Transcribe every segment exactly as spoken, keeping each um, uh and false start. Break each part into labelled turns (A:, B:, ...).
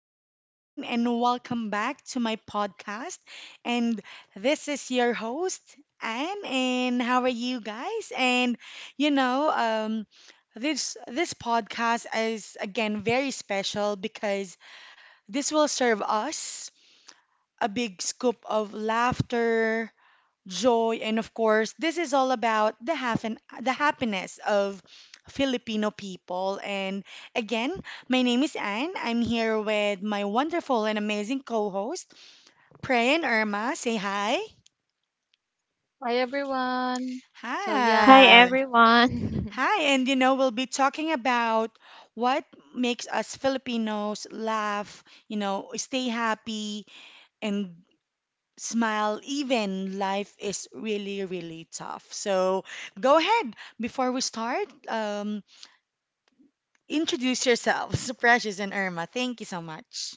A: day, everyone, and welcome back to my podcast. And this is your host, Anne. And how are you guys? And you know, um, this this podcast is again very special because this will serve us a big scoop of laughter, joy, and of course, this is all about the happen the happiness of Filipino people. And again, my name is Anne. I'm here with my wonderful and amazing co-host, Prey and Irma. Say hi.
B: Hi everyone. So yeah,
C: Hi
B: um
A: Hi.
C: everyone.
A: Hi, and you know, we'll be talking about what makes us Filipinos laugh, you know, stay happy and smile even life is really really tough, so go ahead. Before we start, um introduce yourselves. Precious and Irma, thank you so much.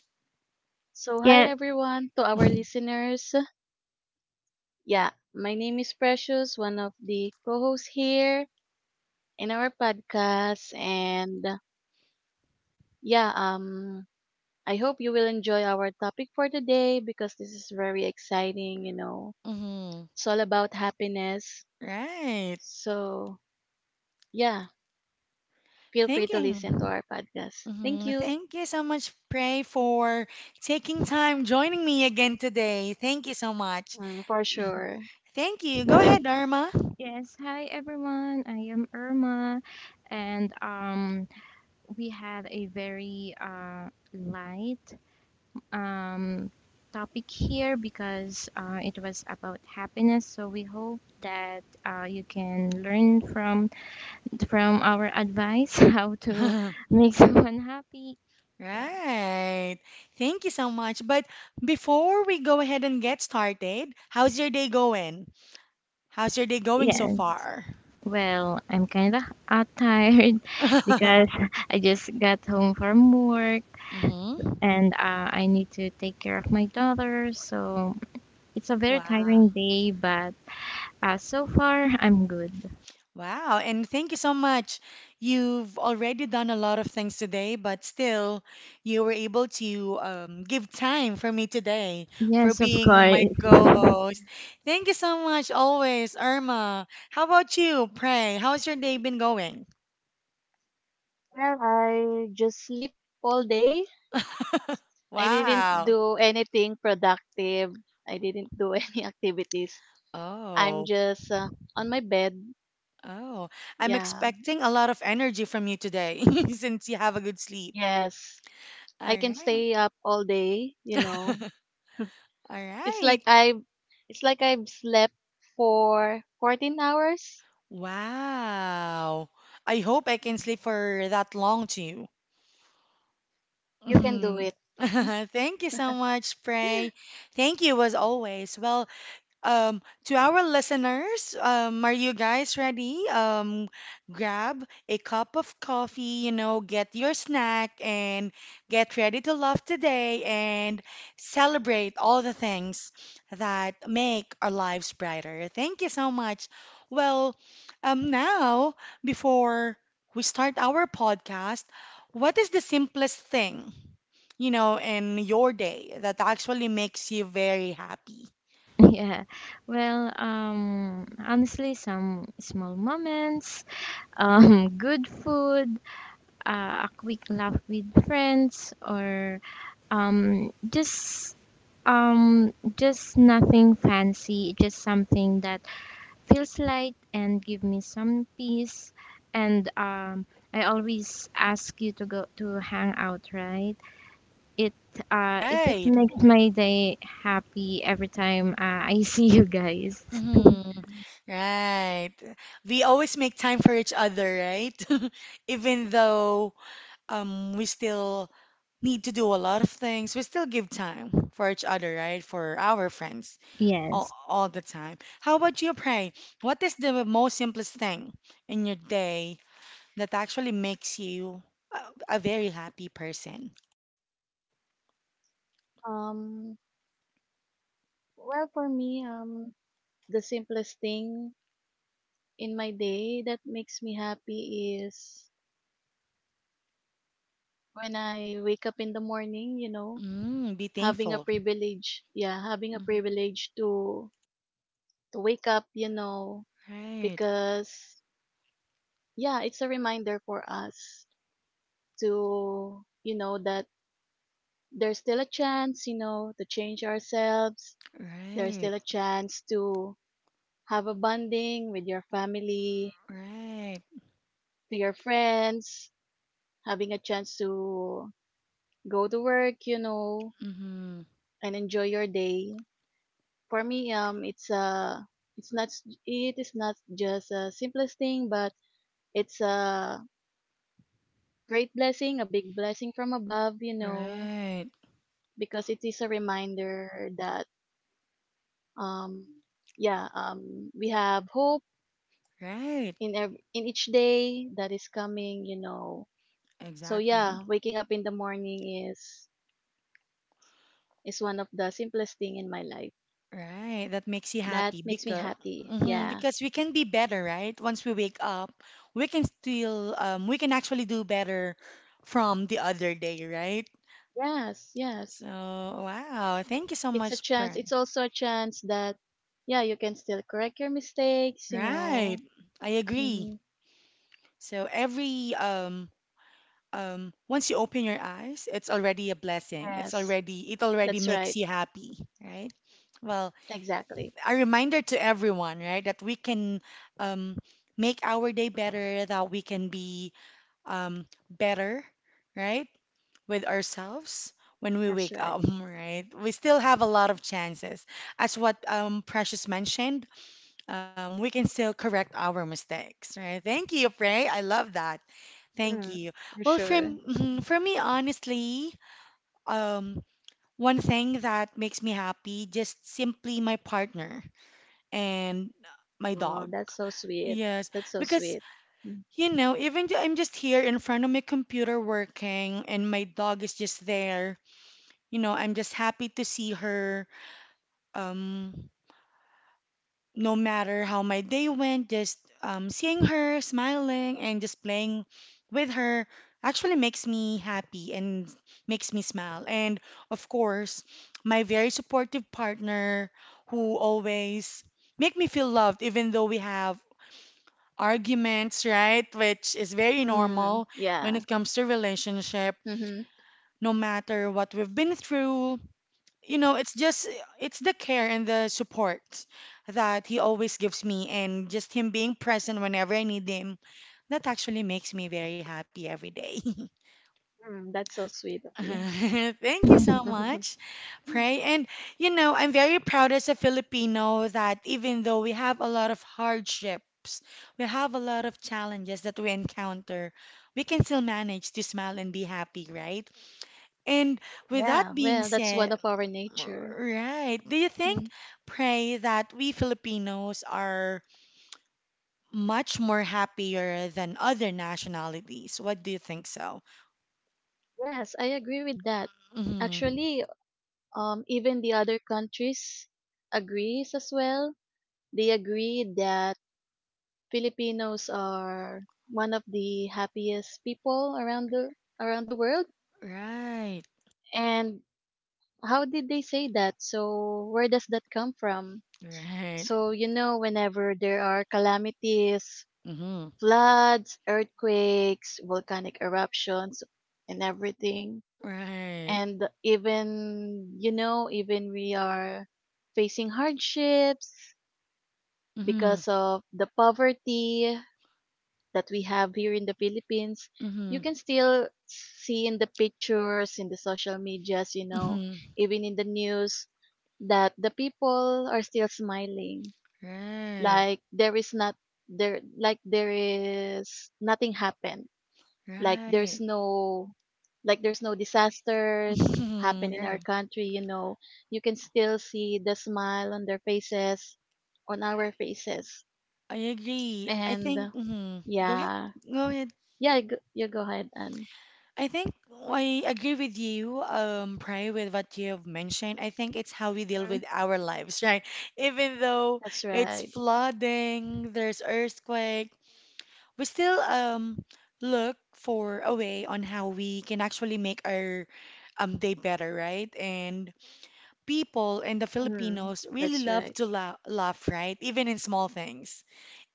B: so hi
C: Yeah,
B: everyone to our listeners. Yeah, my name is Precious, one of the co-hosts here in our podcast and uh, yeah, um I hope you will enjoy our topic for today because this is very exciting, you know.
A: Hmm.
B: It's all about happiness.
A: Right.
B: So, yeah, feel free
A: Thank
B: to
A: you.
B: listen to our podcast. Thank
A: Mhm.
B: you.
A: Thank you so much, Pray, for taking time joining me again today. Thank you so much.
B: Mm, for
A: Mhm.
B: sure.
A: Thank you. Go ahead, Irma.
C: yes. Hi everyone. I am Irma and um we had a very uh light um topic here because uh it was about happiness. So we hope that uh you can learn from from our advice how to make someone happy. Yeah.
A: Right. Thank you so much. But before we go ahead and get started, how's your day going? How's your day going so
C: Yeah.
A: far?
C: Well, I'm kind of uh, tired because I just got home from work
A: Mm-hmm.
C: and uh, I need to take care of my daughter. So it's a very
A: Wow.
C: tiring day, but uh, so far I'm good.
A: Wow. And thank you so much. You've already done a lot of things today, but still, you were able to um, give time for me today for
C: Yes, of
A: being my
C: course.
A: co-host. Thank you so much, always, Irma. How about you, Pray? How's your day been going?
B: Well, I just sleep all day. I didn't
A: Wow.
B: do anything productive. I didn't do any activities. I'm
A: Oh,
B: just uh, on my bed.
A: oh. I'm
B: Yeah.
A: expecting a lot of energy from you today since you have a good sleep.
B: Yes.
A: All
B: I can
A: right.
B: stay up all day, you know.
A: All
B: It's
A: right.
B: like I it's like I've slept for fourteen hours.
A: Wow. I hope I can sleep
B: No.
A: for that long too.
B: You can do
A: Mhm.
B: it.
A: Thank you so much, Pray. Thank you as always. Well, Um, to our listeners, um, are you guys ready? Um, grab a cup of coffee, you know, get your snack and get ready to love today and celebrate all the things that make our lives brighter. Thank you so much. Well, um, now, before we start our podcast, what is the simplest thing, you know, in your day that actually makes you very happy?
C: yeah. Well, um, honestly, some small moments, um, good food, uh, a quick laugh with friends, or um, just um, just nothing fancy. Just something that feels light and give me some peace. And um, I always ask you to go to hang out, right? It uh, it just
A: Right.
C: makes my day happy every time uh, I see you guys.
A: Mm-hmm. Right. We always make time for each other, right? Even though um we still need to do a lot of things, we still give time for each other, right? For our friends all,
C: Yes,
A: all the time. How about you, Pray? What is the most simplest thing in your day that actually makes you a, a very happy person?
B: Um well for me um the simplest thing in my day that makes me happy is when I wake up in the morning, you know.
A: Mm, be
B: Having a
A: thankful.
B: privilege, yeah, having a
A: Mhm.
B: privilege to to wake up, you know,
A: Right,
B: because yeah, it's a reminder for us to, you know, that there's still a chance, you know, to change ourselves. There's
A: right,
B: still a chance to have a bonding with your family,
A: right.
B: to your friends, having a chance to go to work, you know,
A: Mm-hmm.
B: and enjoy your day. For me, um, it's a, it's not, it is not just a simplest thing, but it's a great blessing, a big blessing from above, you know,
A: Right.
B: because it is a reminder that um yeah, um we have hope
A: Right,
B: in every, in each day that is coming, you know. So
A: exactly.
B: yeah, waking up in the morning is is one of the simplest thing in my life.
A: Right, that makes you
B: That
A: happy
B: makes me
A: because
B: happy.
A: mhm,
B: Yeah.
A: because we can be better, right? Once we wake up, we can still um, we can actually do better from the other day, right?
B: Yes, yes.
A: So, wow, thank you so
B: It's a
A: much,
B: chance. It's
A: Pran.
B: also a chance that yeah, you can still correct your mistakes, you
A: Right,
B: know.
A: I agree.
B: Hmm.
A: So every um um once you open your eyes, it's already a blessing. It's
B: Yes,
A: already it already
B: that's right.
A: makes you happy, right? Well,
B: Exactly.
A: a reminder to everyone, right, that we can um, make our day better, that we can be um, better, right, with ourselves when we
B: That's
A: wake
B: right.
A: up, right? We still have a lot of chances. As what um, Precious mentioned, um, we can still correct our mistakes, right? Thank you, Prey. I love that. Thank
B: Mm,
A: you.
B: for
A: Well, for,
B: sure.
A: mhm, for me, honestly, um, one thing that makes me happy, just simply my partner and my
B: Oh,
A: dog.
B: that's so sweet.
A: Yes,
B: That's so sweet.
A: because
B: Mm,
A: you know, even though I'm just here in front of my computer working and my dog is just there, you know, I'm just happy to see her. Um, no matter how my day went, just um, seeing her smiling and just playing with her actually makes me happy and makes me smile. And of course, my very supportive partner who always make me feel loved even though we have arguments, right? Which is very
B: mm,
A: normal when
B: yeah.
A: it comes to relationship,
B: Mm-hmm.
A: no matter what we've been through. You know, it's just it's the care and the support that he always gives me and just him being present whenever I need him. That actually makes me very happy every day.
B: Mm, that's so sweet of you.
A: Thank you so much, Pray. And you know, I'm very proud as a Filipino that even though we have a lot of hardships, we have a lot of challenges that we encounter, we can still manage to smile and be happy, right? And with that
B: yeah.
A: being
B: Well, that's one
A: said,
B: of our nature.
A: right, do you think,
B: Mm,
A: Pray, that we Filipinos are much more happier than other nationalities? What do you think so?
B: yes, I agree with that.
A: Hmm.
B: Actually, um, even the other countries agrees as well. They agree that Filipinos are one of the happiest people around the around the world,
A: Right,
B: and how did they say that? So where does that come from?
A: right.
B: So you know, whenever there are calamities,
A: Mm-hmm.
B: floods, earthquakes, volcanic eruptions, and everything,
A: Right.
B: and even you know, even we are facing hardships
A: Mm-hmm.
B: because of the poverty that we have here in the Philippines, you
A: Mm-hmm.
B: can still see in the pictures, in the social medias, you know,
A: Mm-hmm.
B: even in the news, that the people are still smiling.
A: Right.
B: Like there is not there like there is nothing happened. Like there's
A: Right.
B: no, like there's no disasters happen
A: Mm-hmm.
B: in our
A: Right.
B: country, you know. You can still see the smile on their faces, on our faces.
A: I agree. I
B: And
A: think. Hmm. Go ahead.
B: yeah,
A: Go ahead.
B: yeah, go yeah, go ahead, Anne.
A: I think I agree with you, um, Pray, with what you have mentioned. I think it's how we deal
B: Mm-hmm.
A: with our lives, right? Even though
B: That's
A: it's
B: right.
A: flooding, there's earthquake, we still um look for a way on how we can actually make our um day better, right? And people and the
B: Mhm.
A: Filipinos really
B: That's
A: love
B: right.
A: to la- laugh, right? Even in small things.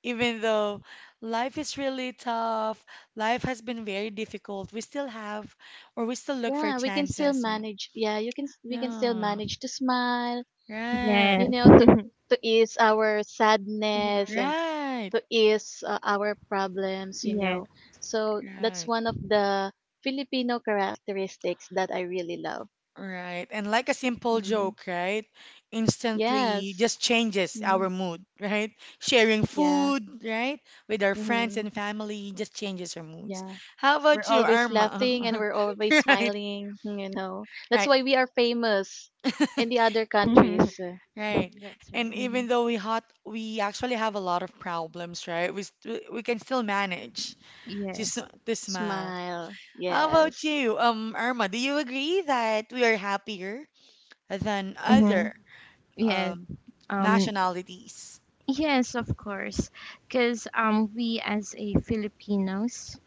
A: Even though life is really tough, life has been very difficult, we still have or we still look for
B: Yeah, we can still
A: chances. Yeah.
B: manage. Yeah, you can. s- We can still
A: Yeah.
B: manage to smile.
A: Right.
B: You
C: yes,
B: know, to to ease our sadness
C: mhm.
B: and
A: Right.
B: to ease uh, our problems. You
C: Yes.
B: know, so that's
A: Right.
B: one of the Filipino characteristics that I really love.
A: Right. And like a simple
B: Hmm.
A: joke, right? Instantly
B: Yes.
A: just changes
B: Hmm.
A: our mood, right? Sharing
B: Yeah.
A: food, right? With our friends
B: Hmm.
A: and family just changes our moods.
B: Yeah.
A: How
B: We're
A: about you,
B: always laughing and
A: Irma?
B: we're always
A: Right.
B: smiling, you know. That's
A: Right.
B: why we are famous in the other countries.
A: Right.
C: That's
A: And
C: right.
B: Hmm.
A: even though we hot we actually have a lot of problems, right? We st we can still manage just to
C: Yes.
A: s- to smile.
B: Smile.
A: How about
B: Yes.
A: you, um, Irma? Do you agree that we are happier than
C: Mm-hmm.
A: other
C: Yes.
A: um,
C: Um.
A: nationalities?
C: Yes, of course, because um, we as a Filipinos,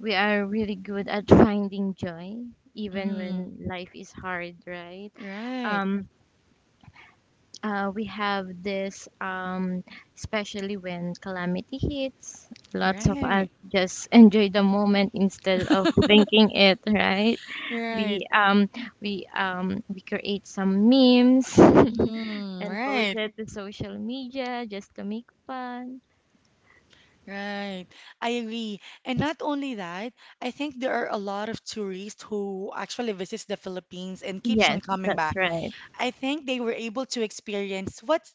C: we are really good at finding joy, even
A: Mm-hmm.
C: when life is hard, right?
A: Right.
C: Um, uh, we have this, um, especially when calamity hits, lots of us
A: Right.
C: just enjoy the moment instead of thinking it, right?
A: Right.
C: We, um, we, um, we create some memes
A: Mm-hmm.
C: and post
A: Right.
C: it to social media just to make fun.
A: Right. I agree. And not only that, I think there are a lot of tourists who actually visits the Philippines and keeps on
C: Yes,
A: coming
C: that's
A: back.
C: right.
A: I think they were able to experience what's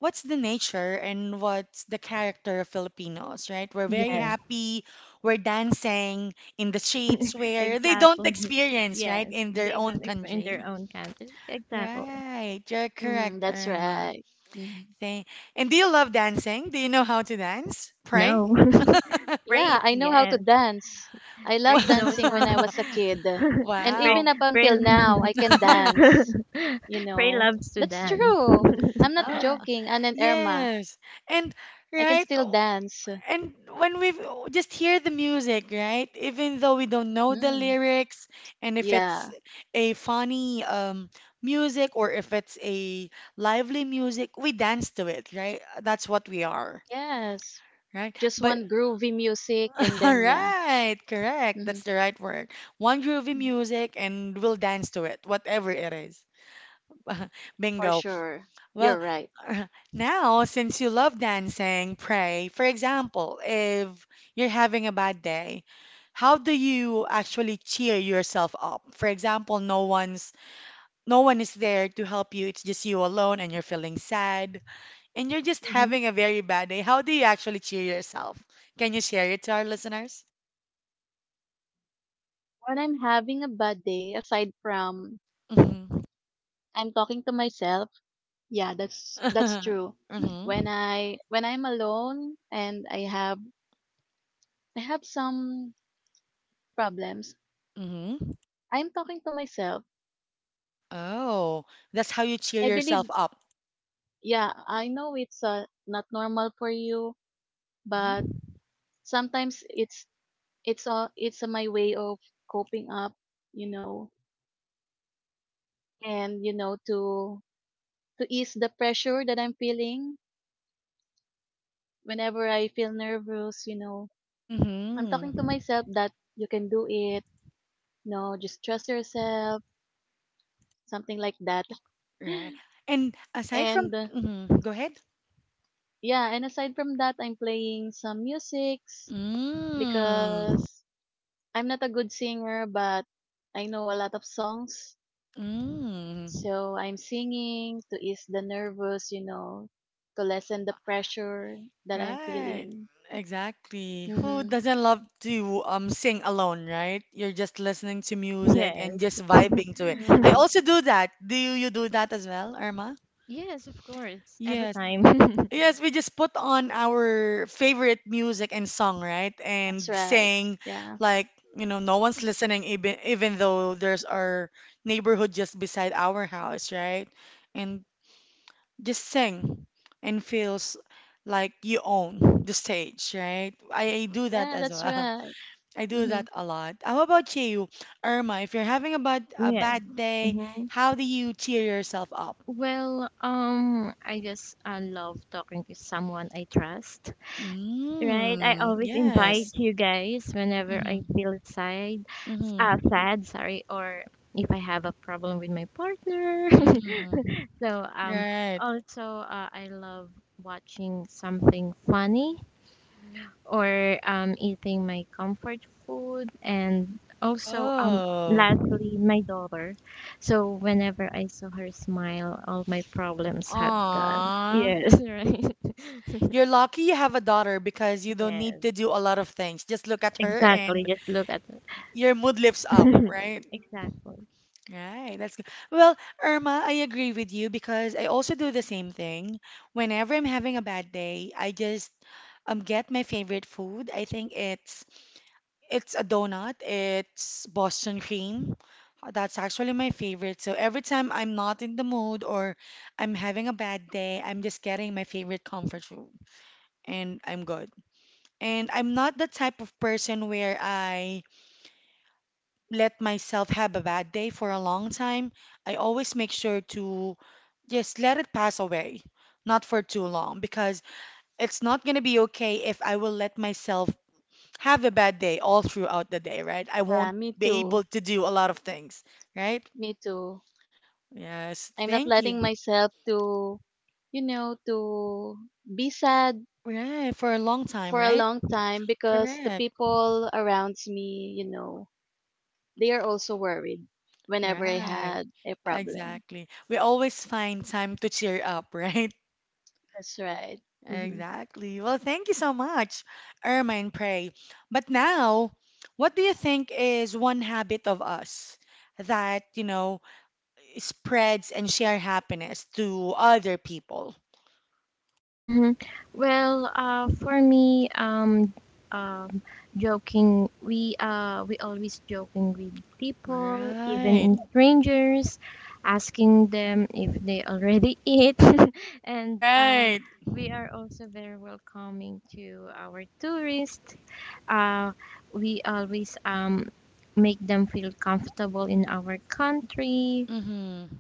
A: what's the nature and what's the character of Filipinos, right? We're very
C: Yes.
A: happy, we're dancing in the streets where they don't
C: exactly.
A: experience, right,
C: Yes,
A: in their
C: they
A: own
C: don't explain their
A: country.
C: own country. Exactly.
A: Right, you're
B: Hmm.
A: correct,
B: That's
A: Irma.
B: right. Hmm.
A: Thank. And do you love dancing? Do you know how to dance? Pray?
C: No.
B: Yeah,
C: Praise,
B: I know how to
C: yes.
B: dance. I love
C: Pray knows
B: dancing
C: how.
B: when I was a kid. uh, And
C: Pray,
B: even
A: Wow.
B: up
C: pray,
B: until now, I can dance. You
C: pray
B: know,
C: loves to
B: that's
C: dance.
B: true. I'm not
A: Oh,
B: joking, Ann and Irma.
A: yes. And
B: I can
A: right.
B: still
A: Oh,
B: dance.
A: and when we just hear the music, right? Even though we don't know the
B: Mm.
A: lyrics, and if it's
B: Yeah.
A: a funny um music or if it's a lively music, we dance to it, right? That's what we are,
B: Yes.
A: right?
B: Just
A: But
B: one groovy music and
A: all
B: then, yeah.
A: right, correct. That's
B: Mhm.
A: the right word. One groovy music and we'll dance to it, whatever it is.
B: For
A: Bingo.
B: sure.
A: Well,
B: You're right.
A: uh, now since you love dancing, Pray, for example, if you're having a bad day, how do you actually cheer yourself up? For example, no one's no one is there to help you. It's just you alone and you're feeling sad and you're just
B: Mm-hmm.
A: having a very bad day. How do you actually cheer yourself? Can you share it to our listeners?
B: When I'm having a bad day, aside from
A: Hmm.
B: I'm talking to myself, yeah, that's that's true. When
A: Mm-hmm.
B: I when I'm alone and I have I have some problems,
A: Mm-hmm.
B: I'm talking to myself.
A: Oh, that's how you cheer
B: I
A: yourself
B: believe,
A: up.
B: yeah, I know it's uh, not normal for you, but
A: Mm-hmm.
B: sometimes it's it's uh, it's uh, my way of coping up, you know, and you know to to ease the pressure that I'm feeling whenever I feel nervous, you know, I'm
A: Mm-hmm.
B: talking to myself that you can do it. No, just trust yourself, something like that.
A: Right. And aside from,
B: and uh,
A: mm-hmm. Go ahead.
B: yeah, and aside from that, I'm playing some musics
A: Mm.
B: because I'm not a good singer, but I know a lot of songs.
A: Mm.
B: So I'm singing to ease the nervous, you know, to lessen the pressure that I'm
A: Right.
B: feeling.
A: Exactly. Who
B: Mm-hmm.
A: doesn't love to um sing alone, right? You're just listening to music and
C: Yes.
A: just vibing to it. I
B: Mm,
A: also do that. Do you do that as well, Irma?
C: Yes, of course. Every
A: Yes.
C: time.
A: Yes, we just put on our favorite music and song, right?
B: that's
A: And
B: right.
A: sang
B: Yeah.
A: like, you know, no one's listening even even though there's our neighborhood just beside our house, right? And just sing and feels like you own the stage, right? I, I do that
B: Yeah,
A: as
B: that's
A: well.
B: right.
A: I do
B: Mm-hmm.
A: that a lot. How about you, Irma? If you're having a bad a
C: yes.
A: bad day,
C: Mm-hmm.
A: how do you cheer yourself up?
C: Well, um, I just I love talking to someone I trust. Right, I
A: Mm,
C: always invite
A: yes.
C: you guys whenever I
A: Mm-hmm.
C: feel sad, uh,
A: Mm-hmm.
C: sad, sorry, or if I have a problem with my partner.
A: Mm-hmm.
C: So, um,
A: Right.
C: also, uh, I love watching something funny or um, eating my comfort food, and also, um,
A: Oh.
C: lastly, my daughter. So, whenever I saw her smile, all my problems had gone.
A: Aw.
C: Yes, right.
A: You're lucky you have a daughter because you don't need
C: Yes,
A: to do a lot of things. Just look at her
C: exactly.
A: and
C: Just look at
A: your mood lifts up,
C: mhm.
A: right?
C: Exactly.
A: Right, that's good. Well, Irma, I agree with you because I also do the same thing. Whenever I'm having a bad day, I just um get my favorite food. I think it's It's a donut. It's Boston cream. That's actually my favorite. So every time I'm not in the mood or I'm having a bad day, I'm just getting my favorite comfort food and I'm good. And I'm not the type of person where I let myself have a bad day for a long time. I always make sure to just let it pass away, not for too long, because it's not going to be okay if I will let myself have a bad day all throughout the day, right? I
B: Yeah,
A: won't
B: me
A: be able
B: too.
A: to do a lot of things, right?
B: Me too.
A: Yes,
B: I'm not
A: thank you.
B: letting myself to, you know, to be sad
A: Right, for a long time,
B: for a
A: right?
B: long time because the
A: Correct.
B: people around me, you know, they are also worried whenever I
A: Right.
B: had a problem.
A: Exactly. We always find time to cheer up, right?
B: That's right. Hmm.
A: Exactly. Well, thank you so much, Irma and Pray. But now, what do you think is one habit of us that, you know, spreads and share happiness to other people?
C: Hmm. Well, uh, for me, um, um, joking, we uh, we always joking with people, even
A: Right.
C: in strangers, asking them if they already eat, and uh,
A: Right.
C: we are also very welcoming to our tourists. Uh, we always um, make them feel comfortable in our country,
A: Mm-hmm.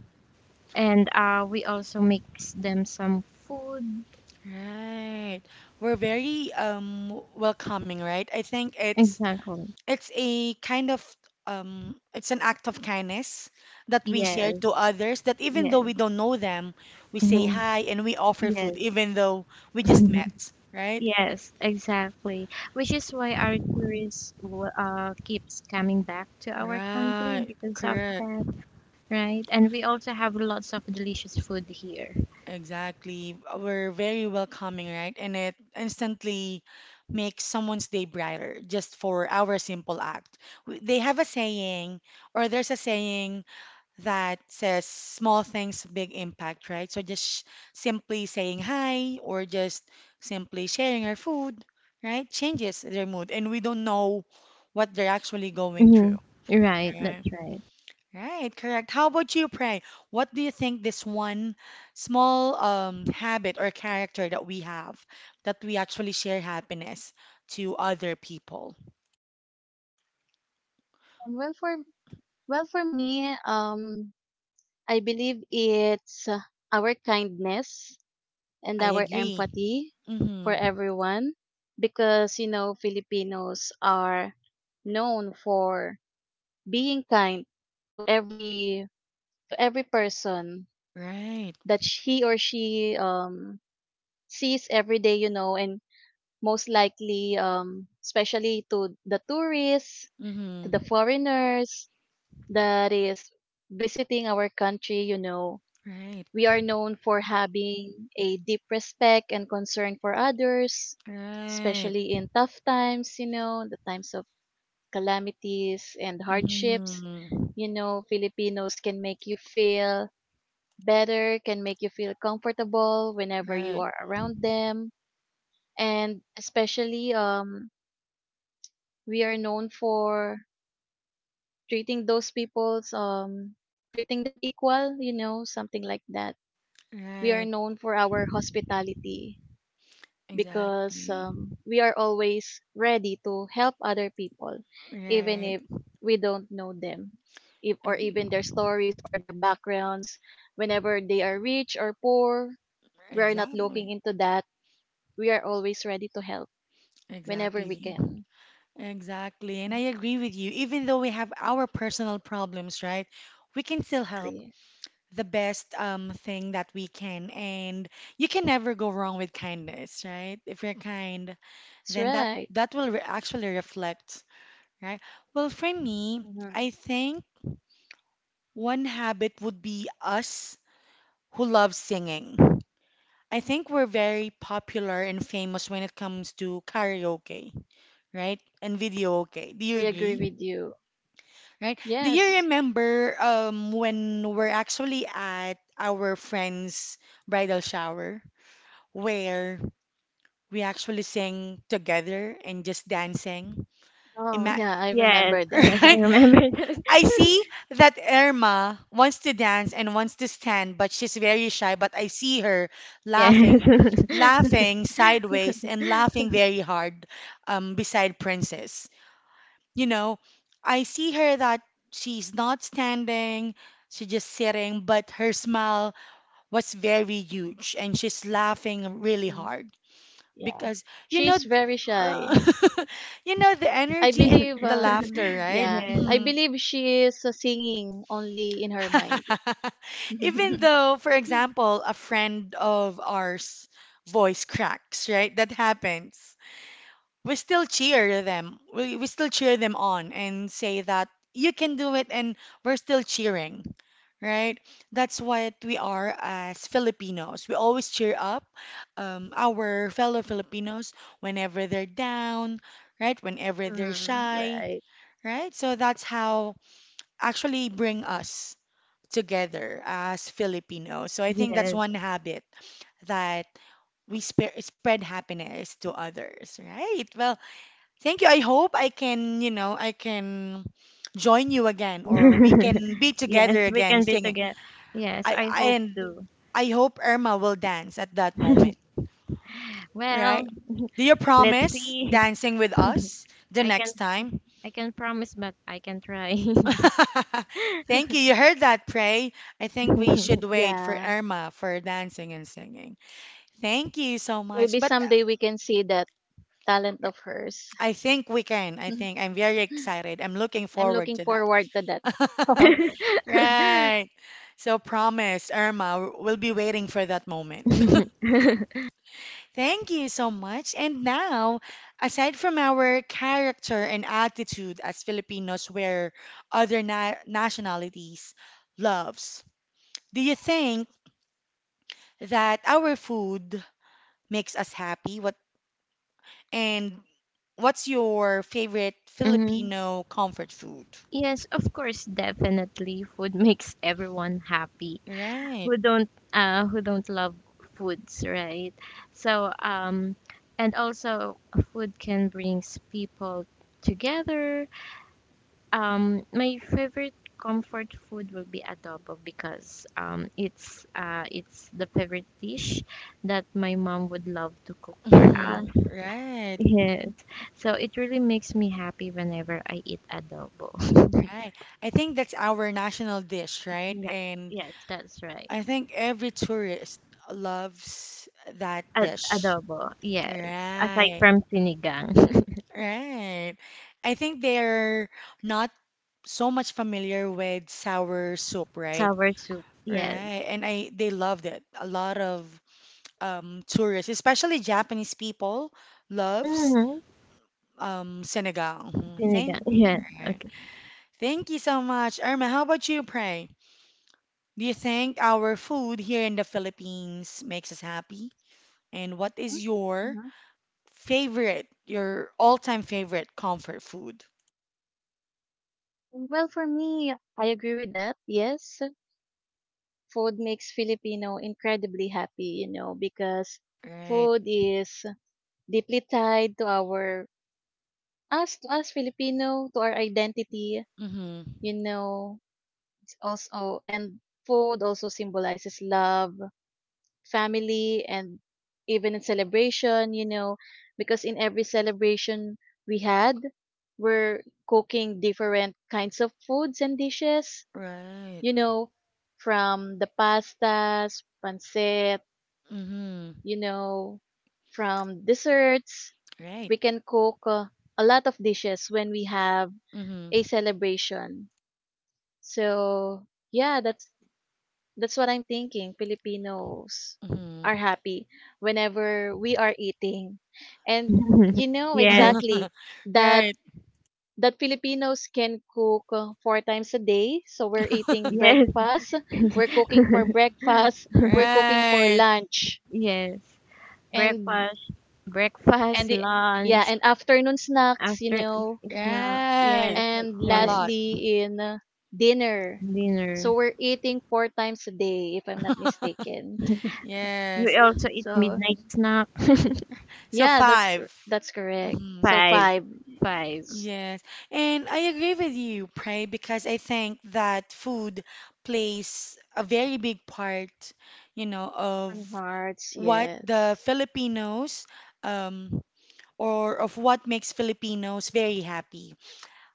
C: and uh, we also mix them some food.
A: Right. We're very um welcoming, right? I think it's
C: Exactly.
A: it's a kind of um it's an act of kindness that we share
C: Yes,
A: to others that even
C: yes,
A: though we don't know them, we say
C: hmm
A: hi and we offer food
C: yes.
A: even though we just met, right?
C: Yes, exactly. Which is why our tourists w- uh, keeps coming back to our country
A: Right.
C: because of
A: Correct.
C: that, right? And we also have lots of delicious food here.
A: Exactly. We're very welcoming, right? And it instantly makes someone's day brighter just for our simple act. W- They have a saying, or there's a saying that says small things, big impact, right? So just sh simply saying hi or just simply sharing our food, right? Changes their mood, and we don't know what they're actually going
C: Hmm.
A: through,
C: Right, that's
A: right?
C: right.
A: Right, correct. How about you, Pray? What do you think this one small um, habit or character that we have that we actually share happiness to other people?
B: And well for well for me, um, I believe it's uh, our kindness and
A: I
B: our
A: agree.
B: empathy for
A: Mm-hmm.
B: everyone, because you know Filipinos are known for being kind to every to every person
A: Right.
B: that sh- he or she um sees every day, you know, and most likely um especially to the tourists, to the
A: Mm-hmm.
B: foreigners that is visiting our country, you know.
A: Right.
B: We are known for having a deep respect and concern for others,
A: Right.
B: especially in tough times, you know, the times of calamities and hardships.
A: Mm-hmm.
B: You know, Filipinos can make you feel better, can make you feel comfortable whenever you
A: Right.
B: are around them. And especially, um, we are known for treating those people's, um, treating them equal, you know, something like that. We are
A: Right.
B: known for our hospitality because
A: Exactly.
B: um, we are always ready to help other people, even
A: Right.
B: if we don't know them, if, or
A: Eg-
B: even their stories or their backgrounds. Whenever they are rich or poor, we are not
A: Exactly.
B: looking into that. We are always ready to help whenever we
A: Exactly.
B: can.
A: Exactly, and I agree with you. Even though we have our personal problems, right? We can still help
B: Exactly.
A: the best um, thing that we can, and you can never go wrong with kindness, right? If you're kind,
B: That's
A: then that
B: right.
A: that will re actually reflect, right? Well, for me,
B: Hmm.
A: I think one habit would be us who love singing. I think we're very popular and famous when it comes to karaoke, right? And video, okay. Do you
B: I agree
A: agree?
B: with you.
A: Right? Do you
B: Yes.
A: remember um when we're actually at our friend's bridal shower where we actually sang together and just dancing?
B: Oh,
A: Ima
B: yeah, I
C: Yes,
B: remember that.
C: yes, I
A: right?
C: remember that.
A: I see that Irma wants to dance and wants to stand, but she's very shy, but I see her laughing,
C: Yes.
A: laughing sideways and laughing very hard um beside Princess. You know, I see her that she's not standing, she's just sitting, but her smile was very huge and she's laughing really
B: Hmm.
A: hard
B: Yeah.
A: because you know
B: She's very shy.
A: you know the
B: I
A: energy and
B: believe
A: the laughter,
B: um
A: right?
B: yeah,
C: Yes,
B: I
A: Mhm.
B: believe she is uh, singing only in her mind.
A: Even though, for example, a friend of ours voice cracks, right? That happens. We still cheer them. We, we still cheer them on and say that you can do it and we're still cheering, right? That's what we are as Filipinos. We always cheer up um, our fellow Filipinos whenever they're down, right? Whenever they're
B: Mm,
A: shy,
B: right.
A: right? So that's how actually bring us together as Filipinos. So I think that's
C: yes.
A: one habit that we spe- spread happiness to others, right? Well, thank you. I hope I can, you know, I can join you again or we can be
C: Yes,
A: together
C: we can
A: again
C: be
A: singing.
C: together. Yes,
A: I,
C: I hope
A: I and
C: to.
A: I hope Irma will dance at that moment, right?
C: Well,
A: Do you
C: let's
A: promise
C: see.
A: dancing with us the
C: I can
A: next time?
C: I can promise, but I can try.
A: Thank you. You heard that, Pray. I think we should wait for
B: Yeah.
A: Irma for dancing and singing. Thank you so much.
B: Maybe
A: But uh,
B: someday we can see that talent
A: yeah,
B: of hers.
A: I think we can. I think I'm very excited. I'm looking
B: I'm
A: forward
B: looking
A: to that.
B: forward to that.
A: Right. So promise, Irma, we'll be waiting for that moment. Thank you so much. And now, aside from our character and attitude as Filipinos where other na nationalities loves, do you think that our food makes us happy? What and what's your favorite
C: Mhm.
A: Filipino comfort food?
C: Yes, of course, definitely. Food makes everyone happy.
A: Right.
C: Who don't uh who don't love foods, right? So um and also food can brings people together. Um, my favorite comfort food will be adobo because um, it's uh, it's the favorite dish that my mom would love to cook for us.
A: Mhm. Right.
C: Yes, so it really makes me happy whenever I eat adobo.
A: Right. I think that's our national dish, right?
C: Yes,
A: And
C: yes, that's right.
A: I think every tourist loves that
C: Ad-
A: dish.
C: adobo, yes. Aside
A: Right,
C: from sinigang,
A: right. I think they're not so much familiar with sour soup, right?
C: sour soup, yes.
A: Right. And I they loved it. A lot of um tourists, especially Japanese people, loves
C: Mm-hmm.
A: um Senegal. Mhm. Thank
C: Sinigang, yes.
A: right.
C: Okay.
A: Thank you so much. Irma, how about you, Pray? Do you think our food here in the Philippines makes us happy? And what is your
B: Mhm.
A: favorite, your all-time favorite comfort food.
B: Well, for me, I agree with that. Yes. Food makes Filipino incredibly happy, you know, because
A: Right.
B: food is deeply tied to our us to us Filipino, to our identity,
A: Mm-hmm.
B: you know, it's also, and food also symbolizes love, family and even in celebration, you know, because in every celebration we had, we're cooking different kinds of foods and dishes,
A: Right.
B: you know, from the pastas, pancit,
A: Mm-hmm.
B: you know, from desserts.
A: Right.
B: We can cook uh, a lot of dishes when we have
A: Mm-hmm.
B: a celebration. So, yeah, that's that's what I'm thinking. Filipinos are
A: Mm-hmm.
B: happy whenever we are eating. And you know
C: yes,
B: exactly that
A: Right.
B: that Filipinos can cook uh, four times a day. So we're eating
C: yes,
B: breakfast, we're cooking for breakfast, we're cooking for
A: Right.
B: lunch.
C: yes.
B: And
C: Breakfast, breakfast,
B: and the yeah,
C: lunch.
B: and afternoon snacks, you
C: After s-
B: know,
C: snack,
A: Right.
C: yes, that's
B: and
A: A
C: right.
A: lot.
B: lastly in uh, dinner. So
C: Dinner.
B: we're eating four times a day if I'm not mistaken.
C: We
A: Yes.
C: also eat
B: So
C: midnight snack.
A: So
B: yeah, that's
A: five.
B: that's correct,
A: Mhm.
B: so
C: Five,
B: five.
C: five.
B: S-
A: Yes. And I agree with you, Pray, because I think that food plays a very big part, you know, of
B: on hearts,
A: what the
B: yes.
A: Filipinos um, or of what makes Filipinos very happy.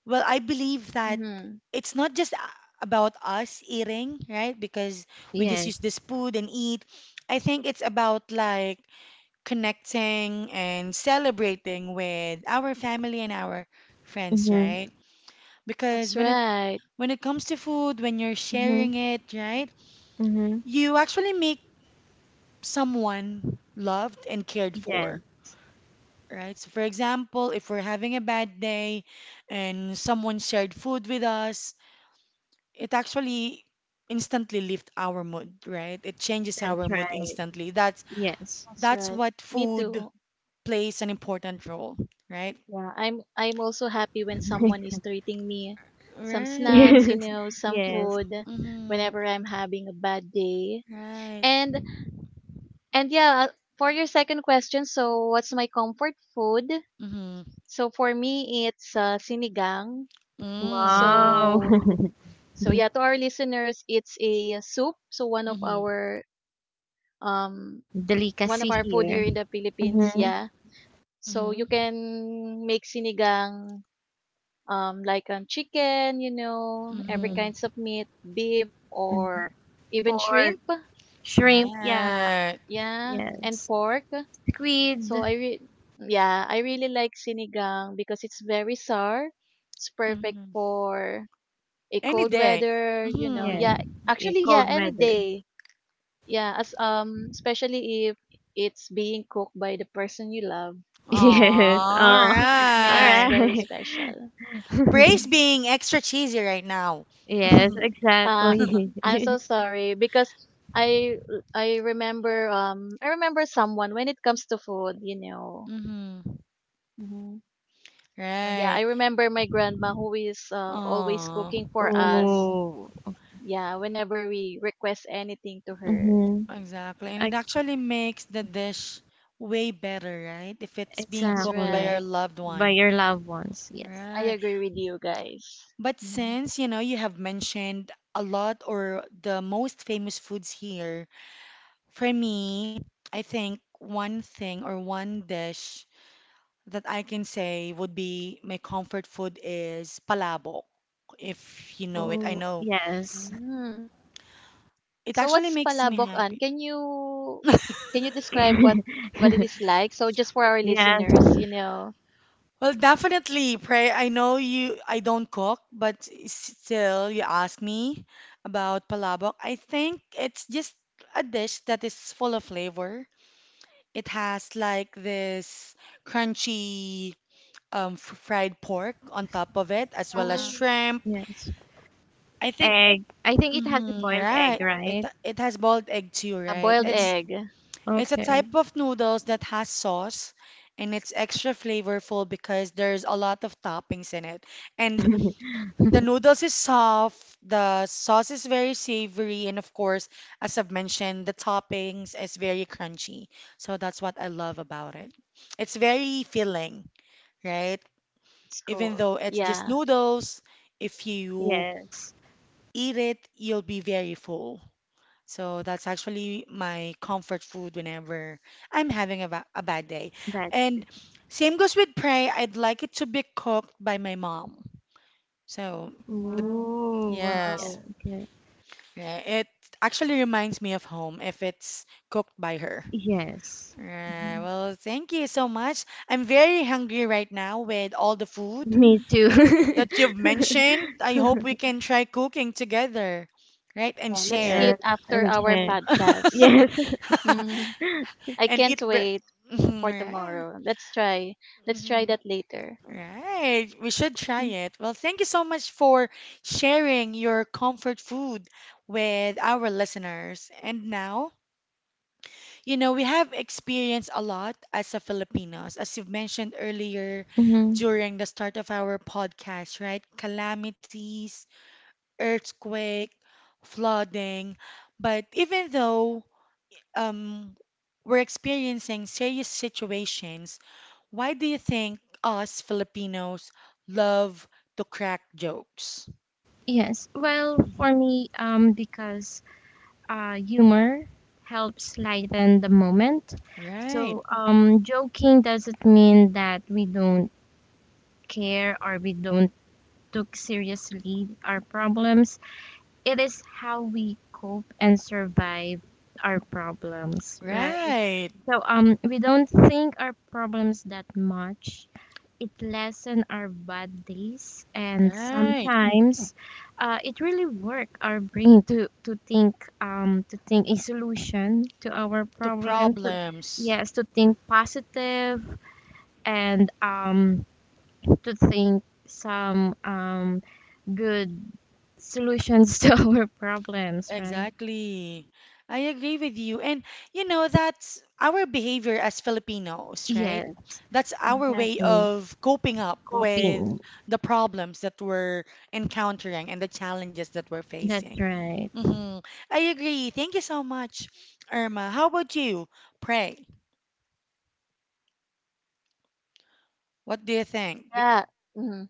A: Well, I believe that
B: Mm-hmm.
A: it's not just a- about us eating, right? Because we just
C: Yes.
A: use this food and eat. I think it's about like connecting and celebrating with our family and our friends,
C: Mhm.
A: right? Because
B: That's
A: when it
B: right.
A: when it comes to food, when you're
C: Mhm.
A: sharing it, right?
C: Mhm.
A: You actually make someone loved and cared
C: Yes,
A: for right? So, for example, if we're having a bad day and someone shared food with us, it actually instantly lifts our mood, right? It changes
C: that's
A: our mood
C: right.
A: instantly. That's
C: Yes.
B: That's
A: that's
B: right.
A: what
B: Me
A: food
B: too.
A: plays an important role, right?
B: Yeah, i'm i'm also happy when someone is treating me some
A: Right.
B: snacks, you
C: Yes.
B: know, some
C: Yes.
B: food
A: Mm-hmm.
B: whenever I'm having a bad day.
A: Right.
B: And And yeah, uh, for your second question, so what's my comfort food?
A: Mm-hmm.
B: So for me, it's uh, sinigang.
C: Wow.
A: Mm.
B: So so yeah, to our listeners, it's a soup. So one of
A: Mm-hmm.
B: our um one
C: Delicacy
B: of our food here
C: here.
B: in the Philippines.
C: Mhm.
B: Yeah. So you
A: Mm-hmm.
B: can make sinigang um like um chicken, you know, every
C: Yes.
A: Mm-hmm.
B: kinds of meat, beef
C: Mm.
B: or even
C: Pork,
B: shrimp.
C: shrimp. Yeah.
A: Right.
B: Yeah, and
C: Yes.
B: pork. So
C: Squid.
B: I re- yeah, I really like sinigang because it's very sour. It's perfect
A: Mm-hmm.
B: for a
A: Any
B: cold
A: day.
B: weather, you know.
C: Yes.
A: Mm-hmm.
B: Yeah,
C: Yeah,
B: actually yeah,
C: cold
B: any
C: weather.
B: day. Yeah, as um especially if it's being cooked by the person you love, you know.
C: Yes.
A: All
C: Oh.
B: It
C: All
B: makes
A: right.
B: very
C: right.
B: special.
A: Praise
B: Mm.
A: being extra cheesy right now.
C: Yes,
B: Uh
C: exactly.
B: I'm so sorry because I I remember um I remember someone when it comes to food, you know.
A: Hmm.
B: Mm-hmm. Oh, yeah,
A: Right.
B: I remember my grandma who is uh, always
A: Oh,
B: cooking for us.
C: Oh.
B: Yeah, whenever we request anything to her.
C: Mm-hmm.
A: exactly.
B: Mhm.
A: And it actually makes the dish way better, right? If it's being
B: That's
A: cooked by
C: Exactly.
A: your
B: right.
A: loved
C: By
A: one.
C: your loved ones, yes.
B: I
A: Right.
B: agree with you guys.
A: But
B: Mm.
A: since, you know, you have mentioned a lot or the most famous foods here, for me, I think one thing or one dish that I can say would be my comfort food is palabok. If you know it, I
C: Oh,
A: know
C: yes.
B: Mm.
A: it
B: So
A: actually
B: what's
A: makes me
B: Palabokan?
A: happy.
B: Can you can you describe what what it is like? So just for our
C: Yes.
B: listeners, you know.
A: Well, definitely, pray. I know you, I don't cook, but s- still, you ask me about palabok. I think it's just a dish that is full of flavor. It has like this crunchy um, f- fried pork on top of it, as well as
C: Oh,
B: Mm-hmm.
A: shrimp.
C: yes.
A: I think,
C: Egg. I think it has a
A: mhm,
C: boiled egg,
A: right. It
C: right?
A: it has boiled egg too,
B: Yeah,
A: right?
B: boiled
C: Mhm.
A: It's
B: egg.
A: It's a
C: Okay.
A: type of noodles that has sauce and it's extra flavorful because there's a lot of toppings in it. And the noodles is soft, the sauce is very savory, and of course, as I've mentioned, the toppings is very crunchy. So that's what I love about it. It's very filling, right?
B: It's
A: Even
B: cool.
A: though it's just
B: Yeah.
A: noodles, if you
C: Yes.
A: eat it, you'll be very full. So that's actually my comfort food whenever I'm having a, ba- a bad day.
C: That.
A: And same goes with pray. I'd like it to be cooked by my mom. So the
B: Mhm.
C: Oh,
B: Yeah.
A: yes,
C: wow. Okay.
A: yeah, it actually reminds me of home if it's cooked by her.
C: Yes.
A: Right, well, thank you so much. I'm very hungry right now with all the food
C: Me too.
A: that you've mentioned. I hope we can try cooking together, right? And
B: Yeah, let's
A: share.
C: Yes.
B: eat after our
C: Okay.
B: podcast.
C: Yes.
B: I
A: And
B: can't
A: eat bre-
B: wait
A: Mhm,
B: for
A: right.
B: tomorrow. Let's try. Let's try
A: Mhm,
B: that later.
A: right. We should try
B: Mm,
A: it. Well, thank you so much for sharing your comfort food with our listeners. And now, you know, we have experienced a lot as a Filipinos, as you've mentioned earlier
C: Mm-hmm.
A: during the start of our podcast, right? Calamities, earthquake, flooding. But even though um, we're experiencing serious situations, why do you think us Filipinos love to crack jokes?
C: Yes, well, for
A: Mhm.
C: me, um, because uh, humor helps lighten the moment.
A: Right,
C: So, um, joking doesn't mean that we don't care or we don't took seriously our problems. It is how we cope and survive our problems, right?
A: right,
C: So um, we don't think our problems that much. It lessen our bad days, and
A: right.
C: sometimes uh, it really work our brain to to think um to think a solution to our
A: To
C: problems. To,
A: problems.
C: yes, to think positive and um to think some um good solutions to our problems, right?
A: Exactly. I agree with you. And you know, that's our behavior as Filipinos, right?
C: Yes,
A: That's our way
C: exactly.
A: of coping up with
C: Coping.
A: the problems that we're encountering and the challenges that we're
C: That's
A: facing.
C: right.
A: Hmm. I agree. Thank you so much, Irma. How about you? Pray. What do you think? Be
B: yeah. Mhm.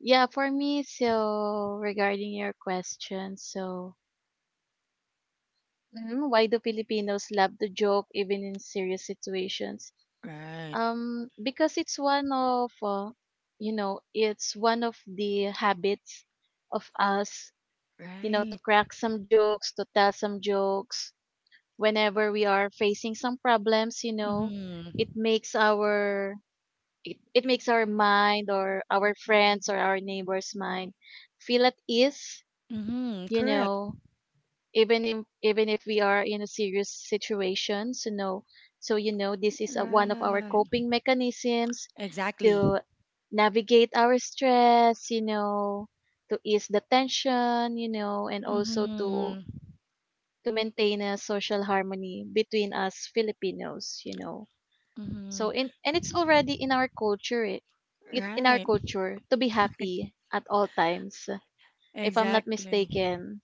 B: Yeah, for me, so regarding your question, so mhm, why do Filipinos love to joke even in serious situations?
A: right,
B: Um, because it's one of, uh, you know, it's one of the habits of us, you know, to
A: right.
B: crack some jokes, to tell some jokes whenever we are facing some problems, you know,
A: Mm-hmm.
B: it makes our it, it makes our mind or our friends or our neighbors mind feel at ease,
A: Mm-hmm.
B: you
A: Correct.
B: know, even if even if we are in a serious situation. So no, so you know, this is a, one of our
A: Right.
B: coping mechanisms
A: Exactly.
B: to navigate our stress, you know, to ease the tension, you know, and also to
A: Mm-hmm.
B: to maintain a social harmony between us Filipinos, you know.
A: Mm-hmm.
B: So in and it's already in our culture, it, it in our
A: Right,
B: culture to be happy at all times, if I'm not
A: exactly.
B: mistaken.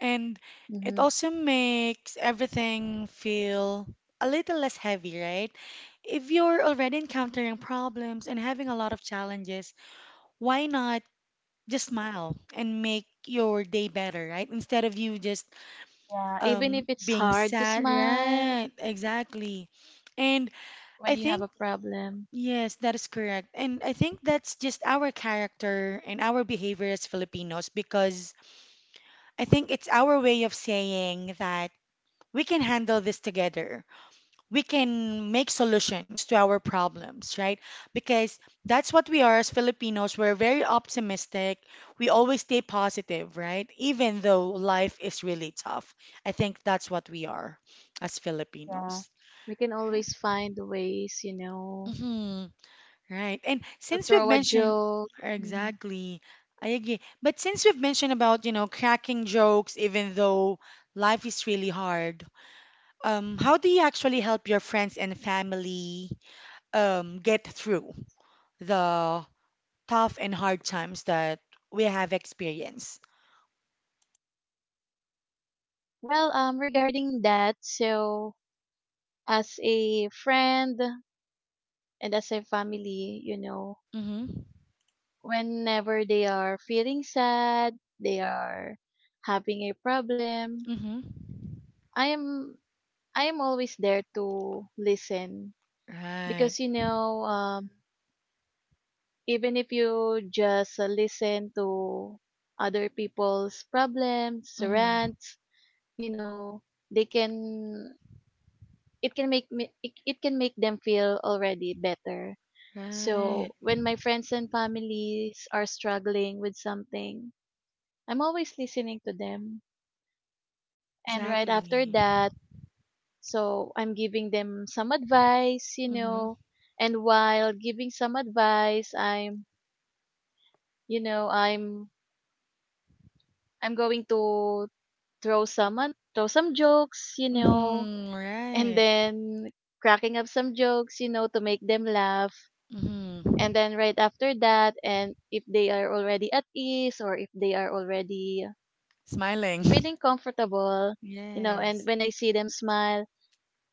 A: And it
B: hmm
A: also makes everything feel a little less heavy, right? If you're already encountering problems and having a lot of challenges, why not just smile and make your day better, right? Instead of you just
B: Yeah, even if
A: um
B: it's
A: being
B: hard to
A: sad,
B: smile
A: right? Exactly. And
B: when
A: I
B: you have
A: think
B: a problem,
A: yes, that is correct. And I think that's just our character and our behavior as Filipinos because I think it's our way of saying that we can handle this together. We can make solutions to our problems, right? Because that's what we are as Filipinos. We're very optimistic. We always stay positive, right? Even though life is really tough. I think that's what we are as
B: yeah,
A: Filipinos.
B: we can always find ways, you know,
A: Hmm. Right. And
B: to
A: since we've
B: throw a
A: mentioned
B: joke. hmm
A: exactly, I agree. But since we've mentioned about, you know, cracking jokes, even though life is really hard, um, how do you actually help your friends and family um, get through the tough and hard times that we have experienced?
B: Well, um, regarding that, so as a friend and as a family, you know,
A: Mm-hmm.
B: whenever they are feeling sad, they are having a problem,
A: Mm-hmm.
B: I am I am always there to listen
A: Right.
B: because you know um even if you just uh, listen to other people's problems,
A: Mm-hmm.
B: rants, you know, they can it can make me it, it can make them feel already better.
A: Right.
B: So when my friends and families are struggling with something, I'm always listening to them. And right after
A: Exactly.
B: that, so I'm giving them some advice, you
A: Mm-hmm.
B: know. And while giving some advice, I'm, you know, I'm I'm going to throw some ad- throw some jokes, you know,
A: Mm-hmm.
B: and
A: Right.
B: then cracking up some jokes, you know, to make them laugh.
A: Mm-hmm.
B: And then right after that, and if they are already at ease or if they are already
A: Smiling.
B: feeling comfortable, you know, and
A: Yes.
B: when I see them smile,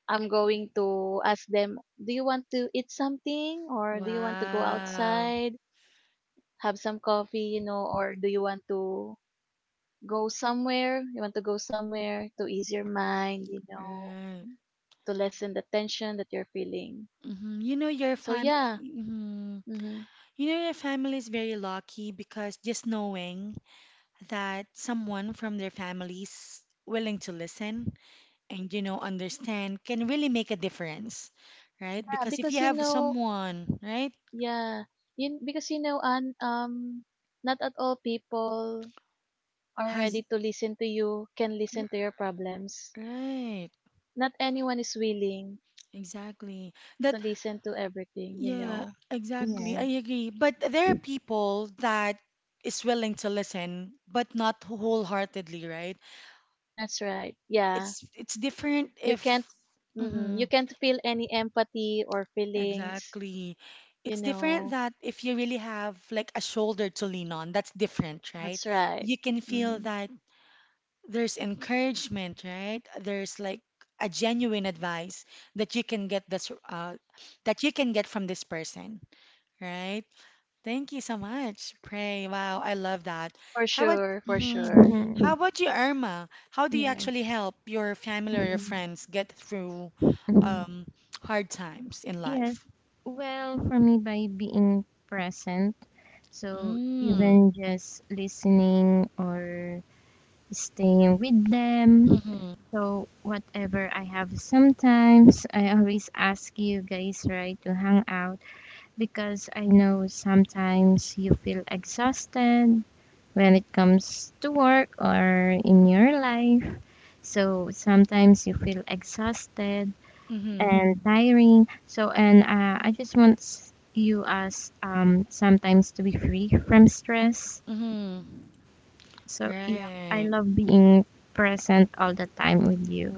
B: I'm going to ask them, do you want to eat something or do you want to go
A: Wow.
B: outside, have some coffee, you know, or do you want to go somewhere? You want to go somewhere to ease your mind, you know,
A: Right.
B: to lessen the tension that you're feeling.
A: Mm-hmm. You know your
B: So
A: fam.
B: yeah.
A: Hmm.
B: hmm
A: You know your family is very lucky because just knowing that someone from their families willing to listen and you know understand can really make a difference right
B: yeah,
A: because if you
B: because you
A: have
B: know,
A: someone right
B: yeah, you, because you know, and um, not at all people are
A: has
B: ready to listen to you, can listen to your problems.
A: right
B: Not anyone is willing
A: exactly that
B: to listen to everything, you
A: yeah
B: know.
A: exactly I
C: Yes.
A: agree but there are people that is willing to listen but not wholeheartedly right
B: That's right. Yeah.
A: it's it's different
B: You
A: if
B: can't mhm, you
A: Mhm.
B: can't feel any empathy or feelings,
A: Exactly.
B: you
A: It's different
B: know.
A: that if you really have like a shoulder to lean on, that's different, right?
B: That's right.
A: You can feel
B: Mhm.
A: that there's encouragement, right? There's like a genuine advice that you can get this uh, that you can get from this person, right? Thank you so much, Pray. Wow, I love that.
B: For
A: How about
B: sure, for
A: mm,
B: sure.
A: how
C: Mhm.
A: about you, Irma? How do you
C: Yes.
A: actually help your family or your
C: Hmm.
A: friends get through
C: Hmm.
A: um, hard times in
C: Yes.
A: life?
C: Well, for me, by being present, so
A: Mm.
C: even just listening or staying with them.
A: Mm-hmm.
C: So, whatever I have sometimes, I always ask you guys, right, to hang out because I know sometimes you feel exhausted when it comes to work or in your life. So, sometimes you feel exhausted
A: Mm-hmm.
C: and tiring. So, and uh, I just want s- you as um, sometimes to be free from stress.
A: Mm-hmm.
C: So, yeah, I
A: Right.
C: love being present all the time with you.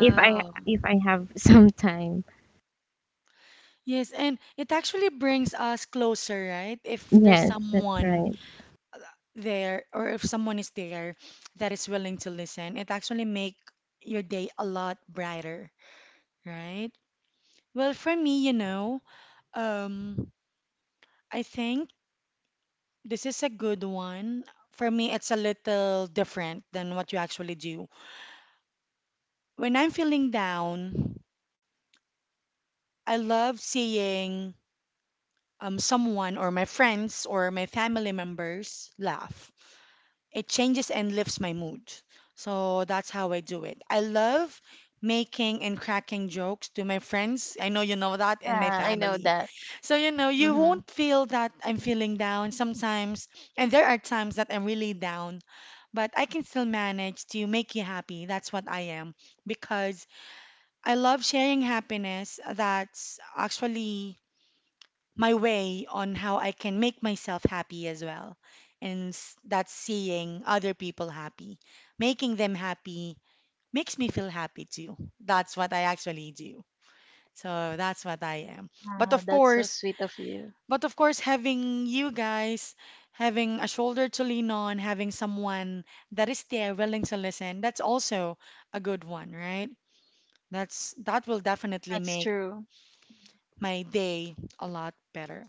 C: If I if I have some time,
A: Yes, and it actually brings us closer, right? If there's
C: yes, that's
A: someone
C: right.
A: there or if someone is there that is willing to listen, it actually make your day a lot brighter, right? Well, for me, you know, um, I think this is a good one. For me, it's a little different than what you actually do. When I'm feeling down, I love seeing um, someone or my friends or my family members laugh. It changes and lifts my mood. So that's how I do it. I love making and cracking jokes to my friends. I know you know that, and my
B: Yeah, I know
A: family.
B: that.
A: So, you know, you
B: Mhm.
A: won't feel that I'm feeling down sometimes. And there are times that I'm really down, but I can still manage to make you happy. That's what I am because I love sharing happiness. That's actually my way on how I can make myself happy as well. And s- that's seeing other people happy. Making them happy makes me feel happy too. That's what I actually do. So that's what I am. But
B: Wow,
A: of
B: that's so
A: course,
B: sweet of you.
A: but of course, having you guys, having a shoulder to lean on, having someone that is there willing to listen, that's also a good one, right? That's that will definitely
B: That's
A: make
B: true.
A: my day a lot better.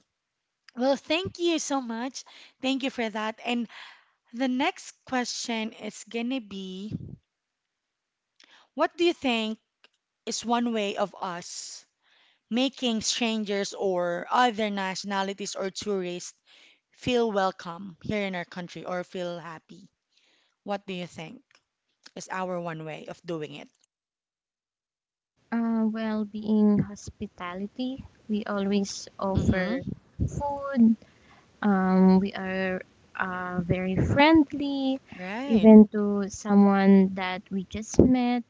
A: Well, thank you so much. Thank you for that. And the next question is gonna be, what do you think is one way of us making strangers or other nationalities or tourists feel welcome here in our country or feel happy? What do you think is our one way of doing it?
C: Uh, well, being hospitality, we always
A: Mm-hmm.
C: offer food. Um, we are uh, very friendly,
A: Right.
C: even to someone that we just met.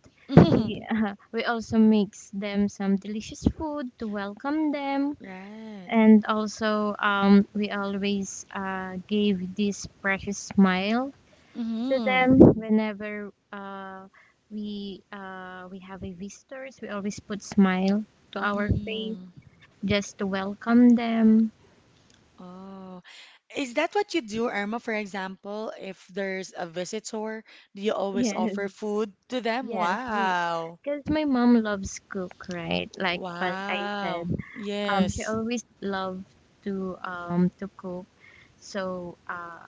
C: We uh, we also mix them some delicious food to welcome them,
A: Right.
C: and also um, we always uh, gave this precious smile to them
A: Mm-hmm.
C: whenever uh, we uh, we have a visitors. We always put smile to our face
A: Mm-hmm.
C: just to welcome them.
A: Oh, is that what you do, Irma, for example, if there's a visitor, do you always offer
C: Yes.
A: food to them?
C: Yes, we,
A: Wow.
C: because my mom loves cook, right? Like what I
A: Wow.
C: said, um, she
A: Yes.
C: always loved to um to cook. So uh,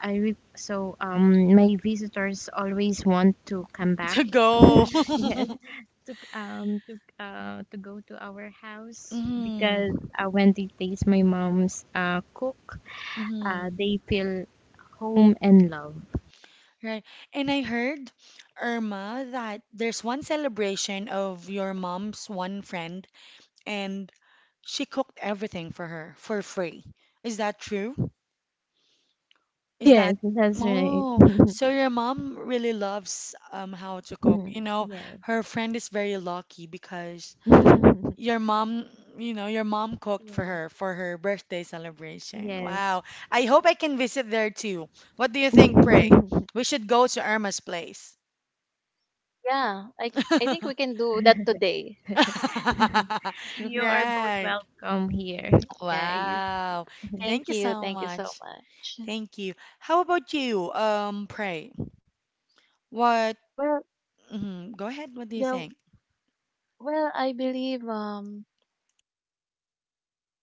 C: I re- so um my visitors always want to come back.
A: To go.
C: Yes, to um to uh to go to our house
A: Mm,
C: because uh, when they taste my mom's uh cook,
A: mm,
C: uh they feel home and love.
A: right. And I heard, Irma, that there's one celebration of your mom's one friend, and she cooked everything for her for free. Is that true? Is that
C: Yes, that's right.
A: Oh, so your mom really loves um how to cook. You
C: Mhm.
A: know,
C: Yes.
A: her friend is very lucky because your mom, you know, your mom cooked for
C: Yes.
A: her for her birthday celebration.
C: Yes.
A: Wow. I hope I can visit there too. What do you think, Pray? We should go to Irma's place.
B: Yeah, I I think we can do that today.
C: You are both
A: Right.
C: welcome here, guys.
A: Wow. Thank
B: Thank
A: you
B: you.
A: so
B: Thank you so
A: much.
B: much.
A: Thank you. How about you, um, Pray? What?
B: Well,
A: Mhm. Go ahead. What do you
B: yeah,
A: think?
B: well, I believe um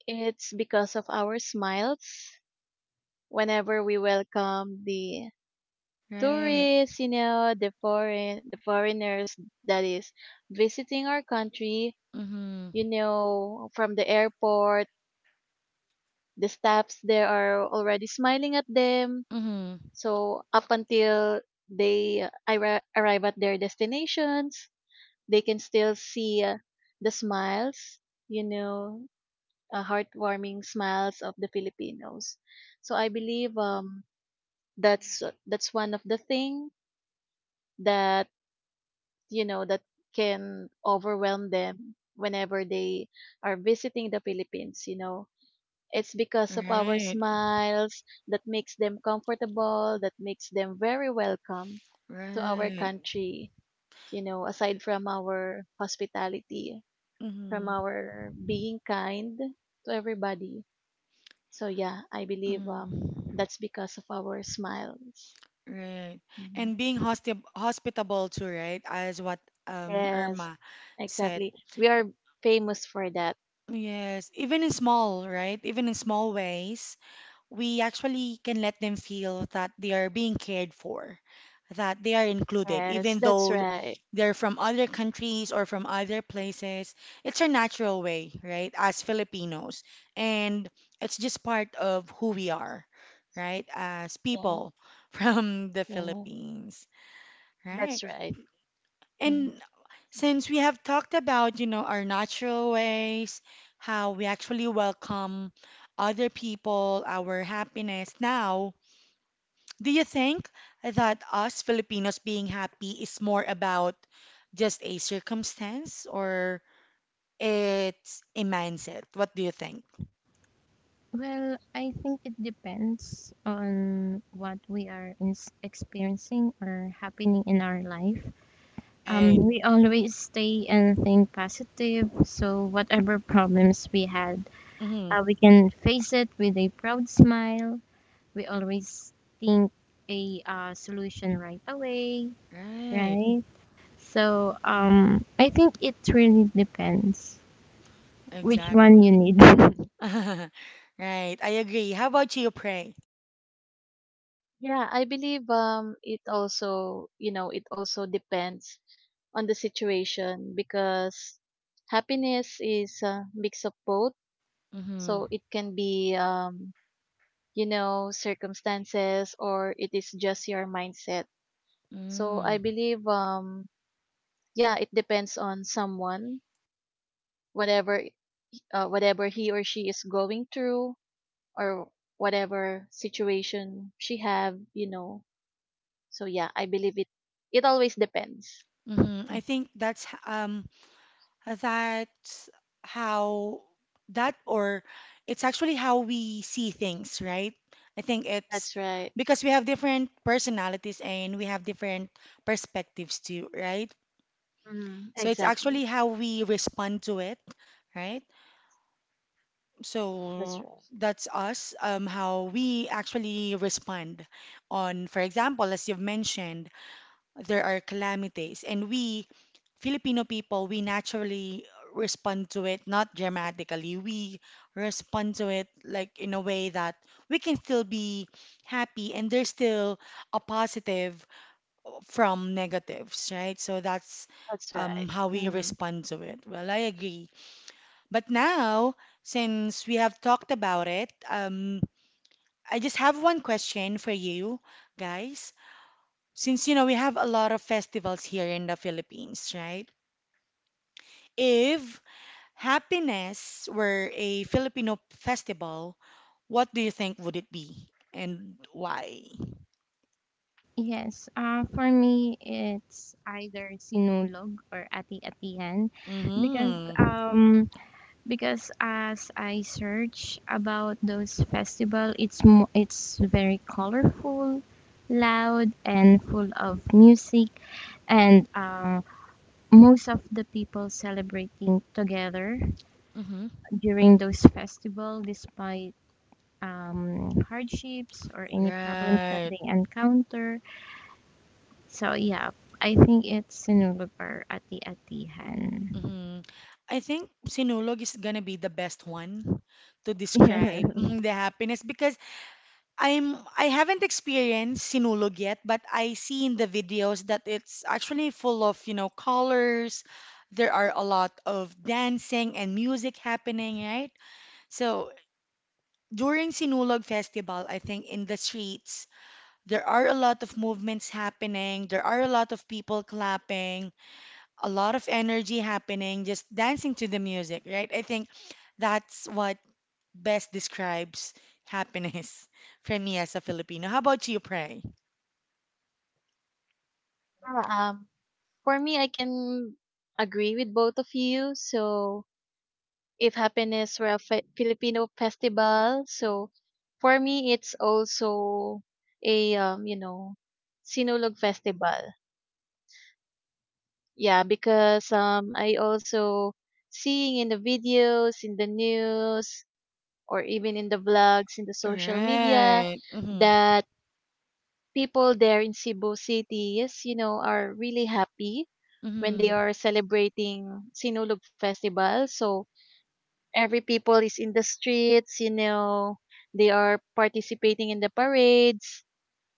B: it's because of our smiles whenever we welcome the
A: Right.
B: tourists, you know, the foreign the foreigners that is visiting our country,
A: Mhm.
B: you know, from the airport, the staffs there are already smiling at them.
A: Mhm.
B: So up until they arri- arrive at their destinations, they can still see uh, the smiles, you know, uh, heartwarming smiles of the Filipinos. So I believe um that's that's one of the thing that, you know, that can overwhelm them whenever they are visiting the Philippines, you know. It's because of our
A: Right.
B: smiles that makes them comfortable, that makes them very welcome to our
A: Right.
B: country, you know, aside from our hospitality, from
A: Mhm.
B: our being kind to everybody. So yeah, I believe um
A: Mhm.
B: that's because of our smiles.
A: Right.
B: Mhm.
A: And being hospi hospitable too, right? As what um
B: Yes,
A: Irma said.
B: exactly, we are famous for that.
A: Yes, even in small, right? Even in small ways. We actually can let them feel that they are being cared for, that they are included,
B: Yes,
A: even
B: that's
A: though th-
B: right.
A: they're from other countries or from other places. It's our natural way, right, as Filipinos. And it's just part of who we are, right, as
B: Yeah,
A: people from the
B: yeah,
A: Philippines, right?
B: that's right. Mhm.
A: And since we have talked about, you know, our natural ways, how we actually welcome other people, our happiness now, do you think that us Filipinos being happy is more about just a circumstance or it's a mindset? What do you think?
C: Well, I think it depends on what we are ins experiencing or happening in our life. Um,
A: Right.
C: we always stay and think positive, so whatever problems we had,
A: Hmm.
C: uh, we can face it with a proud smile. We always think a uh, solution right away,
A: Right.
C: right? So um, I think it really depends. Which
A: Exactly.
C: one you need?
A: Right. I agree. How about you, Pray?
B: Yeah, I believe um it also, you know, it also depends on the situation because happiness is a mix of both.
A: Mm-hmm.
B: So it can be um, you know, circumstances or it is just your mindset. So I
A: Mm-hmm.
B: believe um yeah, it depends on someone, whatever uh, whatever he or she is going through, or whatever situation she have, you know. So yeah, I believe it. It always depends.
A: I think that's h- um That's How that, or it's actually how we see things, right? I think it's
B: That's right.
A: because we have different personalities and we have different perspectives too, right?
B: Mm,
A: So it's
B: exactly.
A: actually how we respond to it, right?
B: That's
A: So
B: right.
A: that's us, um, how we actually respond on, for example, as you've mentioned, there are calamities, and we Filipino people, we naturally respond to it not dramatically. We respond to it like in a way that we can still be happy and there's still a positive from negatives, right? So that's
B: That's right.
A: um, how we
B: Mm.
A: respond to it. Well, I agree. But now, since we have talked about it, um, I just have one question for you guys. Since you know we have a lot of festivals here in the Philippines, right? If happiness were a Filipino festival, what do you think would it be and why?
C: Yes, uh, for me it's either sinulog or ati atihan, because
A: Mm-hmm.
C: um because as I search about those festival it's mo- it's very colorful, loud and full of music and uh, most of the people celebrating together
A: Mm-hmm.
C: during those festival despite um, hardships or any problems that
A: Right.
C: they encounter. So yeah, I think it's Sinulubor at the Atihan.
A: Mm-hmm. I think sinulog is gonna be the best one to
C: Yeah.
A: describe mhm, the happiness because I'm I haven't experienced sinulog yet, but I see in the videos that it's actually full of, you know, colors. There are a lot of dancing and music happening, right? So during Sinulog Festival, I think in the streets, there are a lot of movements happening, there are a lot of people clapping, a lot of energy happening, just dancing to the music, right? I think that's what best describes happiness for me as a Filipino. How about you, Pray?
B: Yeah, um, for me, I can agree with both of you. So if happiness were a fe- Filipino festival, so for me, it's also a um, you know, Sinulog festival. Yeah, because um, I also seeing in the videos, in the news, or even in the vlogs, in the social media,
A: Right. Mm-hmm.
B: that people there in Cebu City, yes, you know, are really happy when
A: Mm-hmm.
B: they are celebrating Sinulog Festival. So every people is in the streets, you know, they are participating in the parades.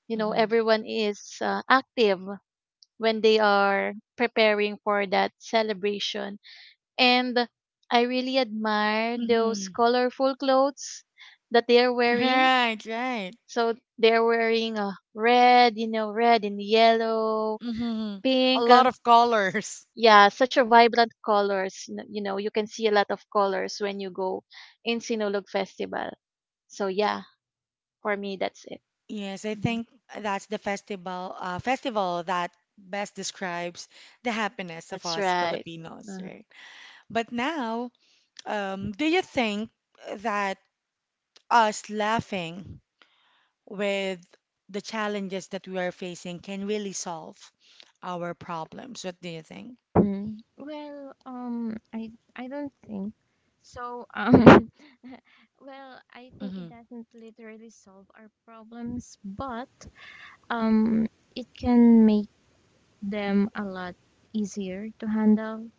B: You know,
A: Mm-hmm.
B: everyone is uh, active when they are preparing for that celebration. And I really admire those
A: Mm-hmm.
B: colorful clothes that they are wearing.
A: Right, right.
B: So they're wearing uh, red, you know, red and yellow,
A: Mm-hmm. A
B: pink.
A: lot
B: Uh,
A: of colors.
B: yeah, such a vibrant colors. n- You know, you can see a lot of colors when you go in Sinulog Festival. So yeah, for me that's it.
A: Yes, I
B: Mhm.
A: think that's the festival uh, festival that best describes the happiness of
B: That's
A: us
B: right.
A: Filipinos,
B: Mhm.
A: right? But now, um, do you think that us laughing with the challenges that we are facing can really solve our problems? What do you think?
C: Mhm. Well, um, I I don't think so. Um, well, I think it
A: Mm-hmm.
C: doesn't literally solve our problems, but um, it can make them a lot easier to handle.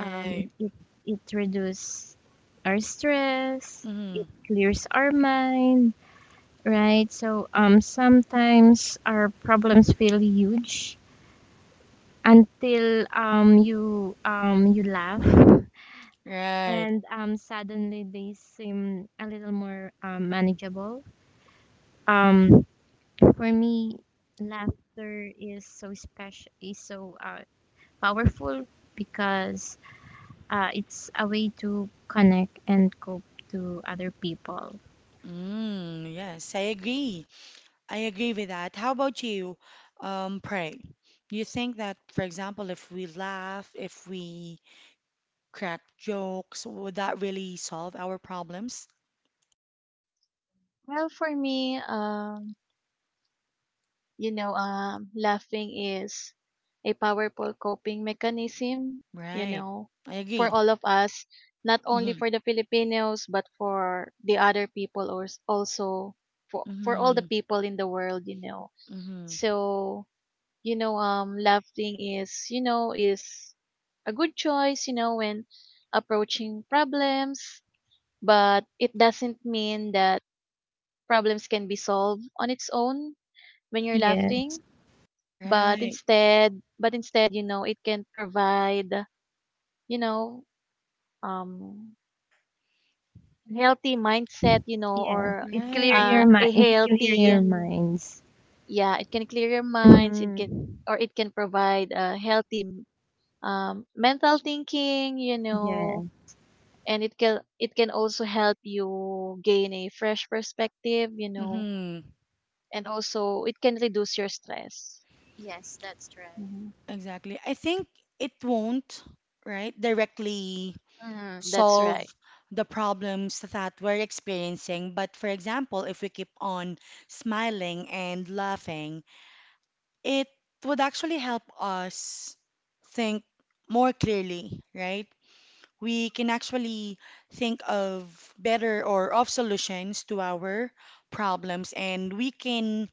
C: Um, it it reduces our stress. It
A: Mm-hmm.
C: clears our mind. Right. So um, sometimes our problems feel huge until um, you um, you laugh
A: Right.
C: and um, suddenly they seem a little more um, manageable. Um, for me, laughter is so special, is so uh, powerful because uh, it's a way to connect and cope to other people.
A: Mm, yes, I agree. I agree with that. How about you, um, Pray? You think that, for example, if we laugh, if we crack jokes, would that really solve our problems?
B: Well, for me, um, you know, um, laughing is a powerful coping mechanism, you
A: Right.
B: know,
A: I
B: for
A: agree.
B: all of us, not only
A: Mm-hmm.
B: for the Filipinos, but for the other people or s- also for, for all the
A: Mm-hmm.
B: people in the world, you know.
A: Mm-hmm.
B: So, you know, um, laughing is, you know, is a good choice, you know, when approaching problems, but it doesn't mean that problems can be solved on its own when you're
C: Yeah,
B: laughing, but
A: Right.
B: instead, but instead, you know, it can provide, you know, um, healthy mindset, you know,
C: yeah.
B: or
C: It clear
A: Right.
B: uh,
C: your mind.
B: a
C: It clear
B: healthy
C: your minds.
B: yeah, it can clear your minds, it can
C: Mm-hmm.
B: or it can provide a healthy um, mental thinking, you know,
C: Yes.
B: and it can it can also help you gain a fresh perspective, you know,
A: Mm-hmm.
B: and also it can reduce your stress.
C: Yes, that's right.
B: hmm
A: Exactly. I think it won't, right, directly
B: Mm-hmm. That's right.
A: solve the problems that we're experiencing. But for example, if we keep on smiling and laughing, it would actually help us think more clearly, right? We can actually think of better or of solutions to our problems and we can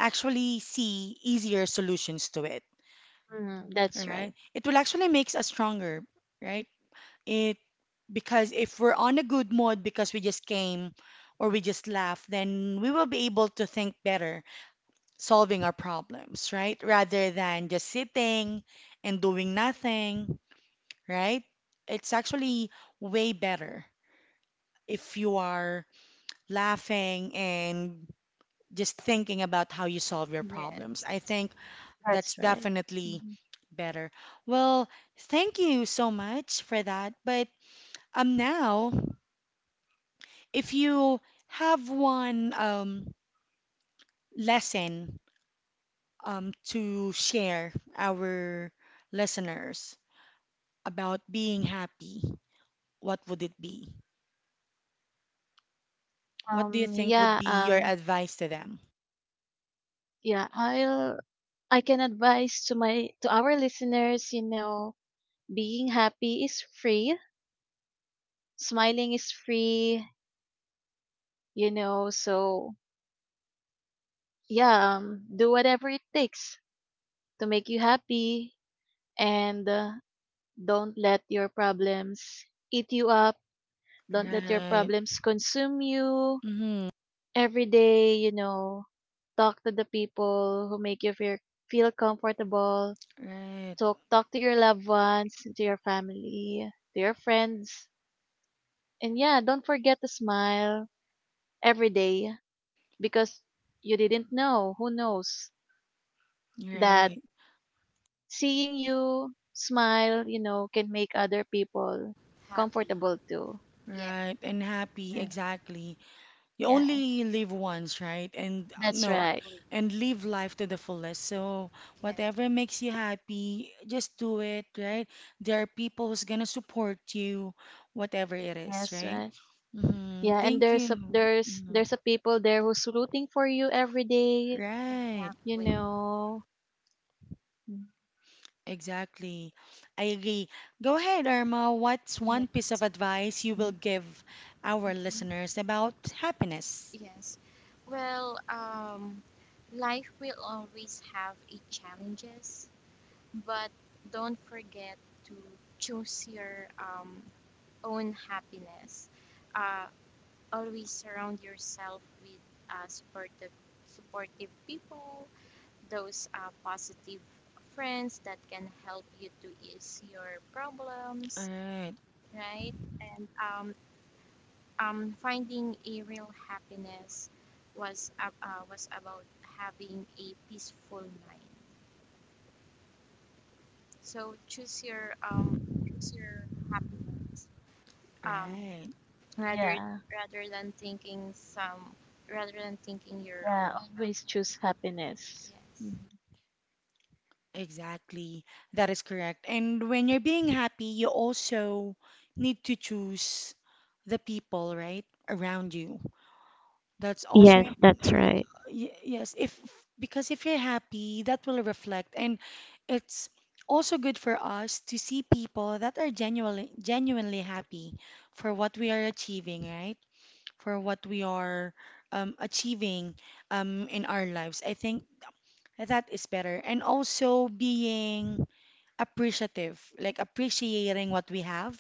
A: actually see easier solutions to it,
B: hmm That's right.
A: right? It will actually makes us stronger, right? It because if we're on a good mood because we just came or we just laughed, then we will be able to think better solving our problems, right? Rather than just sitting and doing nothing, right? It's actually way better if you are laughing and just thinking about how you solve your
C: Yes.
A: problems. I think that's
B: That's right.
A: definitely
B: Mm-hmm.
A: better. Well, thank you so much for that. But um, now, if you have one um, lesson um, to share our listeners, about being happy, what would it be? What do you
B: Um,
A: think would
B: yeah,
A: be your
B: um,
A: advice to them?
B: yeah, I'll, I can advise to my, to our listeners, you know, being happy is free, smiling is free, you know, so yeah, um, do whatever it takes to make you happy, and uh, don't let your problems eat you up. Don't let your
A: Right.
B: problems consume you
A: Mm-hmm.
B: every day, you know. Talk to the people who make you feel, feel comfortable.
A: Right.
B: Talk talk to your loved ones, to your family, to your friends. And yeah, don't forget to smile every day because you didn't know, who knows, that
A: Right.
B: seeing you smile, you know, can make other people
C: Happy.
B: comfortable too.
C: Yeah,
A: Right. And happy,
C: right.
B: Mm.
A: exactly. You
B: Yeah,
A: only live once, right? And uh,
B: that's
A: no,
B: right.
C: Exactly.
A: and live life to the fullest. So
C: Yeah,
A: whatever makes you happy, just do it, right? There are people who's gonna support you, whatever it is,
B: That's
A: right?
B: right.
A: Mm-hmm.
B: Yeah, and
A: Thank
B: there's a
A: you.
B: there's
A: Mhm.
B: there's a people there who's rooting for you every day,
A: Right.
B: you
C: exactly.
B: know. Mm.
A: Exactly. I agree. Go ahead, Irma. What's
C: Yeah,
A: one piece of advice you will give our listeners about happiness?
C: yes. Well, um, life will always have its challenges, but don't forget to choose your um, own happiness. Uh, always surround yourself with uh, supportive, supportive people, those uh, positive friends that can help you to ease your
A: All
C: problems,
A: right,
C: right? And um, um, finding a real happiness was ab- uh, was about having a peaceful mind. So choose your um, choose your happiness um,
A: right.
C: rather
B: Yeah.
C: rather than thinking some rather than thinking your own
B: Yeah,
C: problem.
B: always choose happiness.
C: Yes.
B: Mm.
A: Exactly. That is correct. And when you're being happy, you also need to choose the people, right, around you. That's also
C: Yes,
A: im-
C: that's
A: y-
C: right.
A: y- Yes, if because if you're happy, that will reflect, and it's also good for us to see people that are genuinely genuinely happy for what we are achieving, right? For what we are um, achieving um, in our lives. I think that is better, and also being appreciative, like appreciating what we have,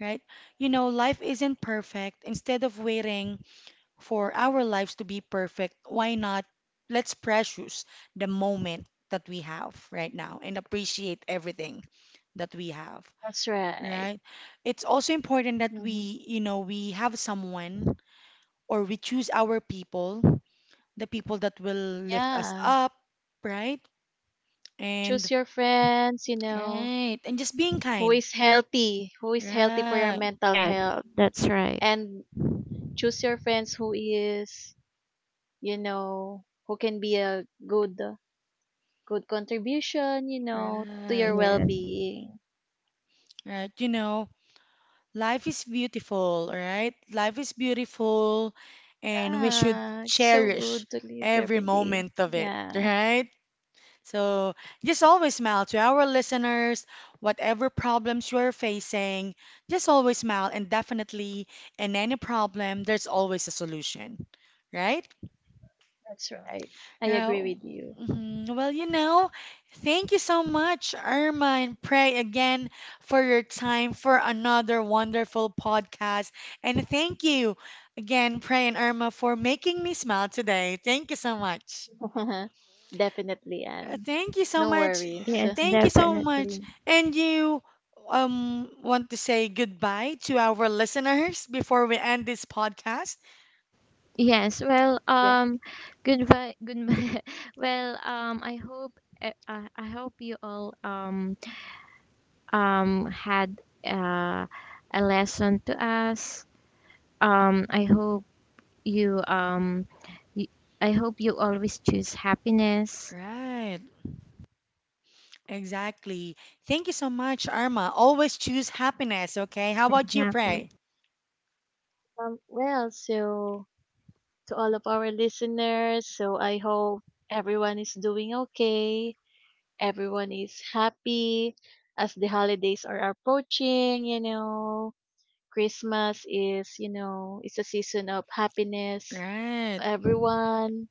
A: right? You know, life isn't perfect. Instead of waiting for our lives to be perfect, why not let's precious the moment that we have right now and appreciate everything that we have,
B: That's right.
A: right? It's also important that
B: Mhm.
A: we, you know, we have someone or we choose our people, the people that will lift us
B: Yeah.
A: up, right? And
B: Choose your friends, you know,
A: right, and just being
B: who
A: kind.
B: is healthy, who is healthy for your
A: Right,
B: mental
C: Yes,
B: health.
C: that's right.
B: And choose your friends who is, you know, who can be a good good contribution, you know, to your
A: right,
C: Yes.
B: well-being.
A: right. You know, life is beautiful, all right? Life is beautiful and we should
B: Yeah, it's so
A: cherish
B: good to live
A: every
B: every day.
A: moment of it,
B: Yeah,
A: right? So just always smile to our listeners, whatever problems you're facing, just always smile and definitely in any problem, there's always a solution, right?
B: that's right. I
A: Uh,
B: agree with you.
A: mhm. Well, you know, thank you so much, Irma, and pray again for your time for another wonderful podcast. And thank you again, Pray and Irma, for making me smile today. Thank you so much.
B: Definitely,
A: Uh,
B: Anne.
A: Thank you so
B: No
A: much.
B: worries.
C: Yes,
A: Thank you so much.
C: definitely.
A: And you um want to say goodbye to our listeners before we end this podcast?
C: Yes, well,
B: Yeah.
C: um, goodbye, goodbye. Well, um, I hope, uh, I I hope you all um um had uh, a lesson to us. Um, I hope you um, y I hope you always choose happiness.
A: Right. Exactly. Thank you so much, Arma. Always choose happiness, okay? How about you,
C: Exactly.
A: Pray?
B: Um, well, so to all of our listeners. So I hope everyone is doing okay, everyone is happy as the holidays are approaching, you know. Christmas is, you know, it's a season of happiness
A: Right.
B: to everyone,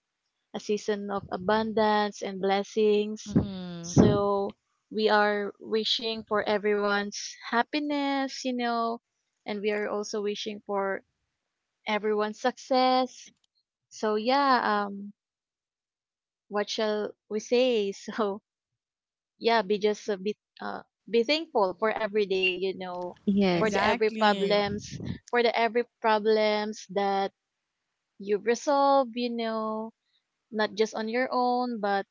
B: a season of abundance and blessings.
A: Hmm.
B: So we are wishing for everyone's happiness, you know, and we are also wishing for everyone's success. So yeah, um what shall we say? So yeah, be just a bit uh be thankful for every day, you know, for the
C: Yes,
B: every
A: Exactly.
B: problems, for the every problems that you've resolved, you know, not just on your own, but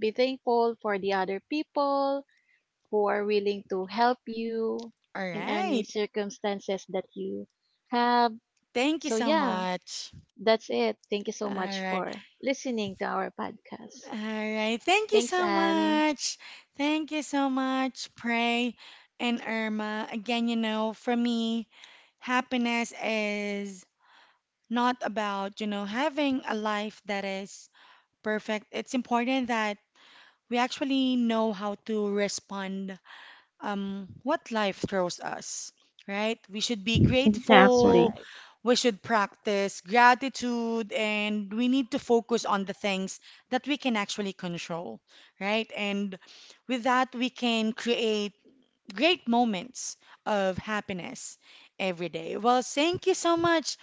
B: be thankful for the other people who are willing to help you
A: All
B: in any
A: right.
B: circumstances that you have.
A: Thank you
B: So
A: so
B: yeah,
A: much.
B: that's it. Thank you so
A: All
B: much
A: right.
B: for listening to our podcast.
A: All right. Thank you
B: Thanks,
A: so
B: Anne.
A: much. Thank you so much, Pray and Irma. Again, you know, for me, happiness is not about, you know, having a life that is perfect. It's important that we actually know how to respond um, what life throws us, right? We should be
B: That's
A: grateful.
C: exactly.
B: right.
A: We should practice gratitude and we need to focus on the things that we can actually control, right? And with that, we can create great moments of happiness every day. Well, thank you so much,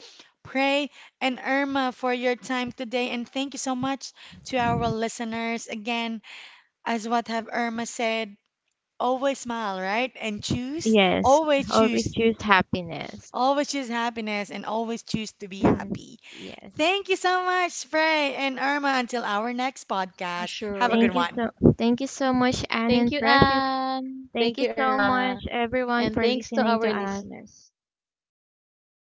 A: Pray and Irma, for your time today. And thank you so much to our listeners. Again, as what have Irma said, always smile, right? And choose,
C: Yes.
A: always
C: Always
A: choose,
C: choose happiness.
A: always choose happiness and always choose to be
C: Mhm.
A: happy.
C: Yes. Yes.
A: Thank you so much, Frey and Irma. Until our next
B: For
A: podcast, have a
C: Thank
A: good
C: you
B: sure.
A: one.
C: so Thank you so much, Anne
B: Thank
C: and
B: you,
C: precious.
B: Anne. Thank
C: Thank
B: you,
C: you so
B: Irma.
C: much, everyone,
B: And
C: for
B: thanks to
C: listening to
B: our
C: us.
B: listeners. Thank you so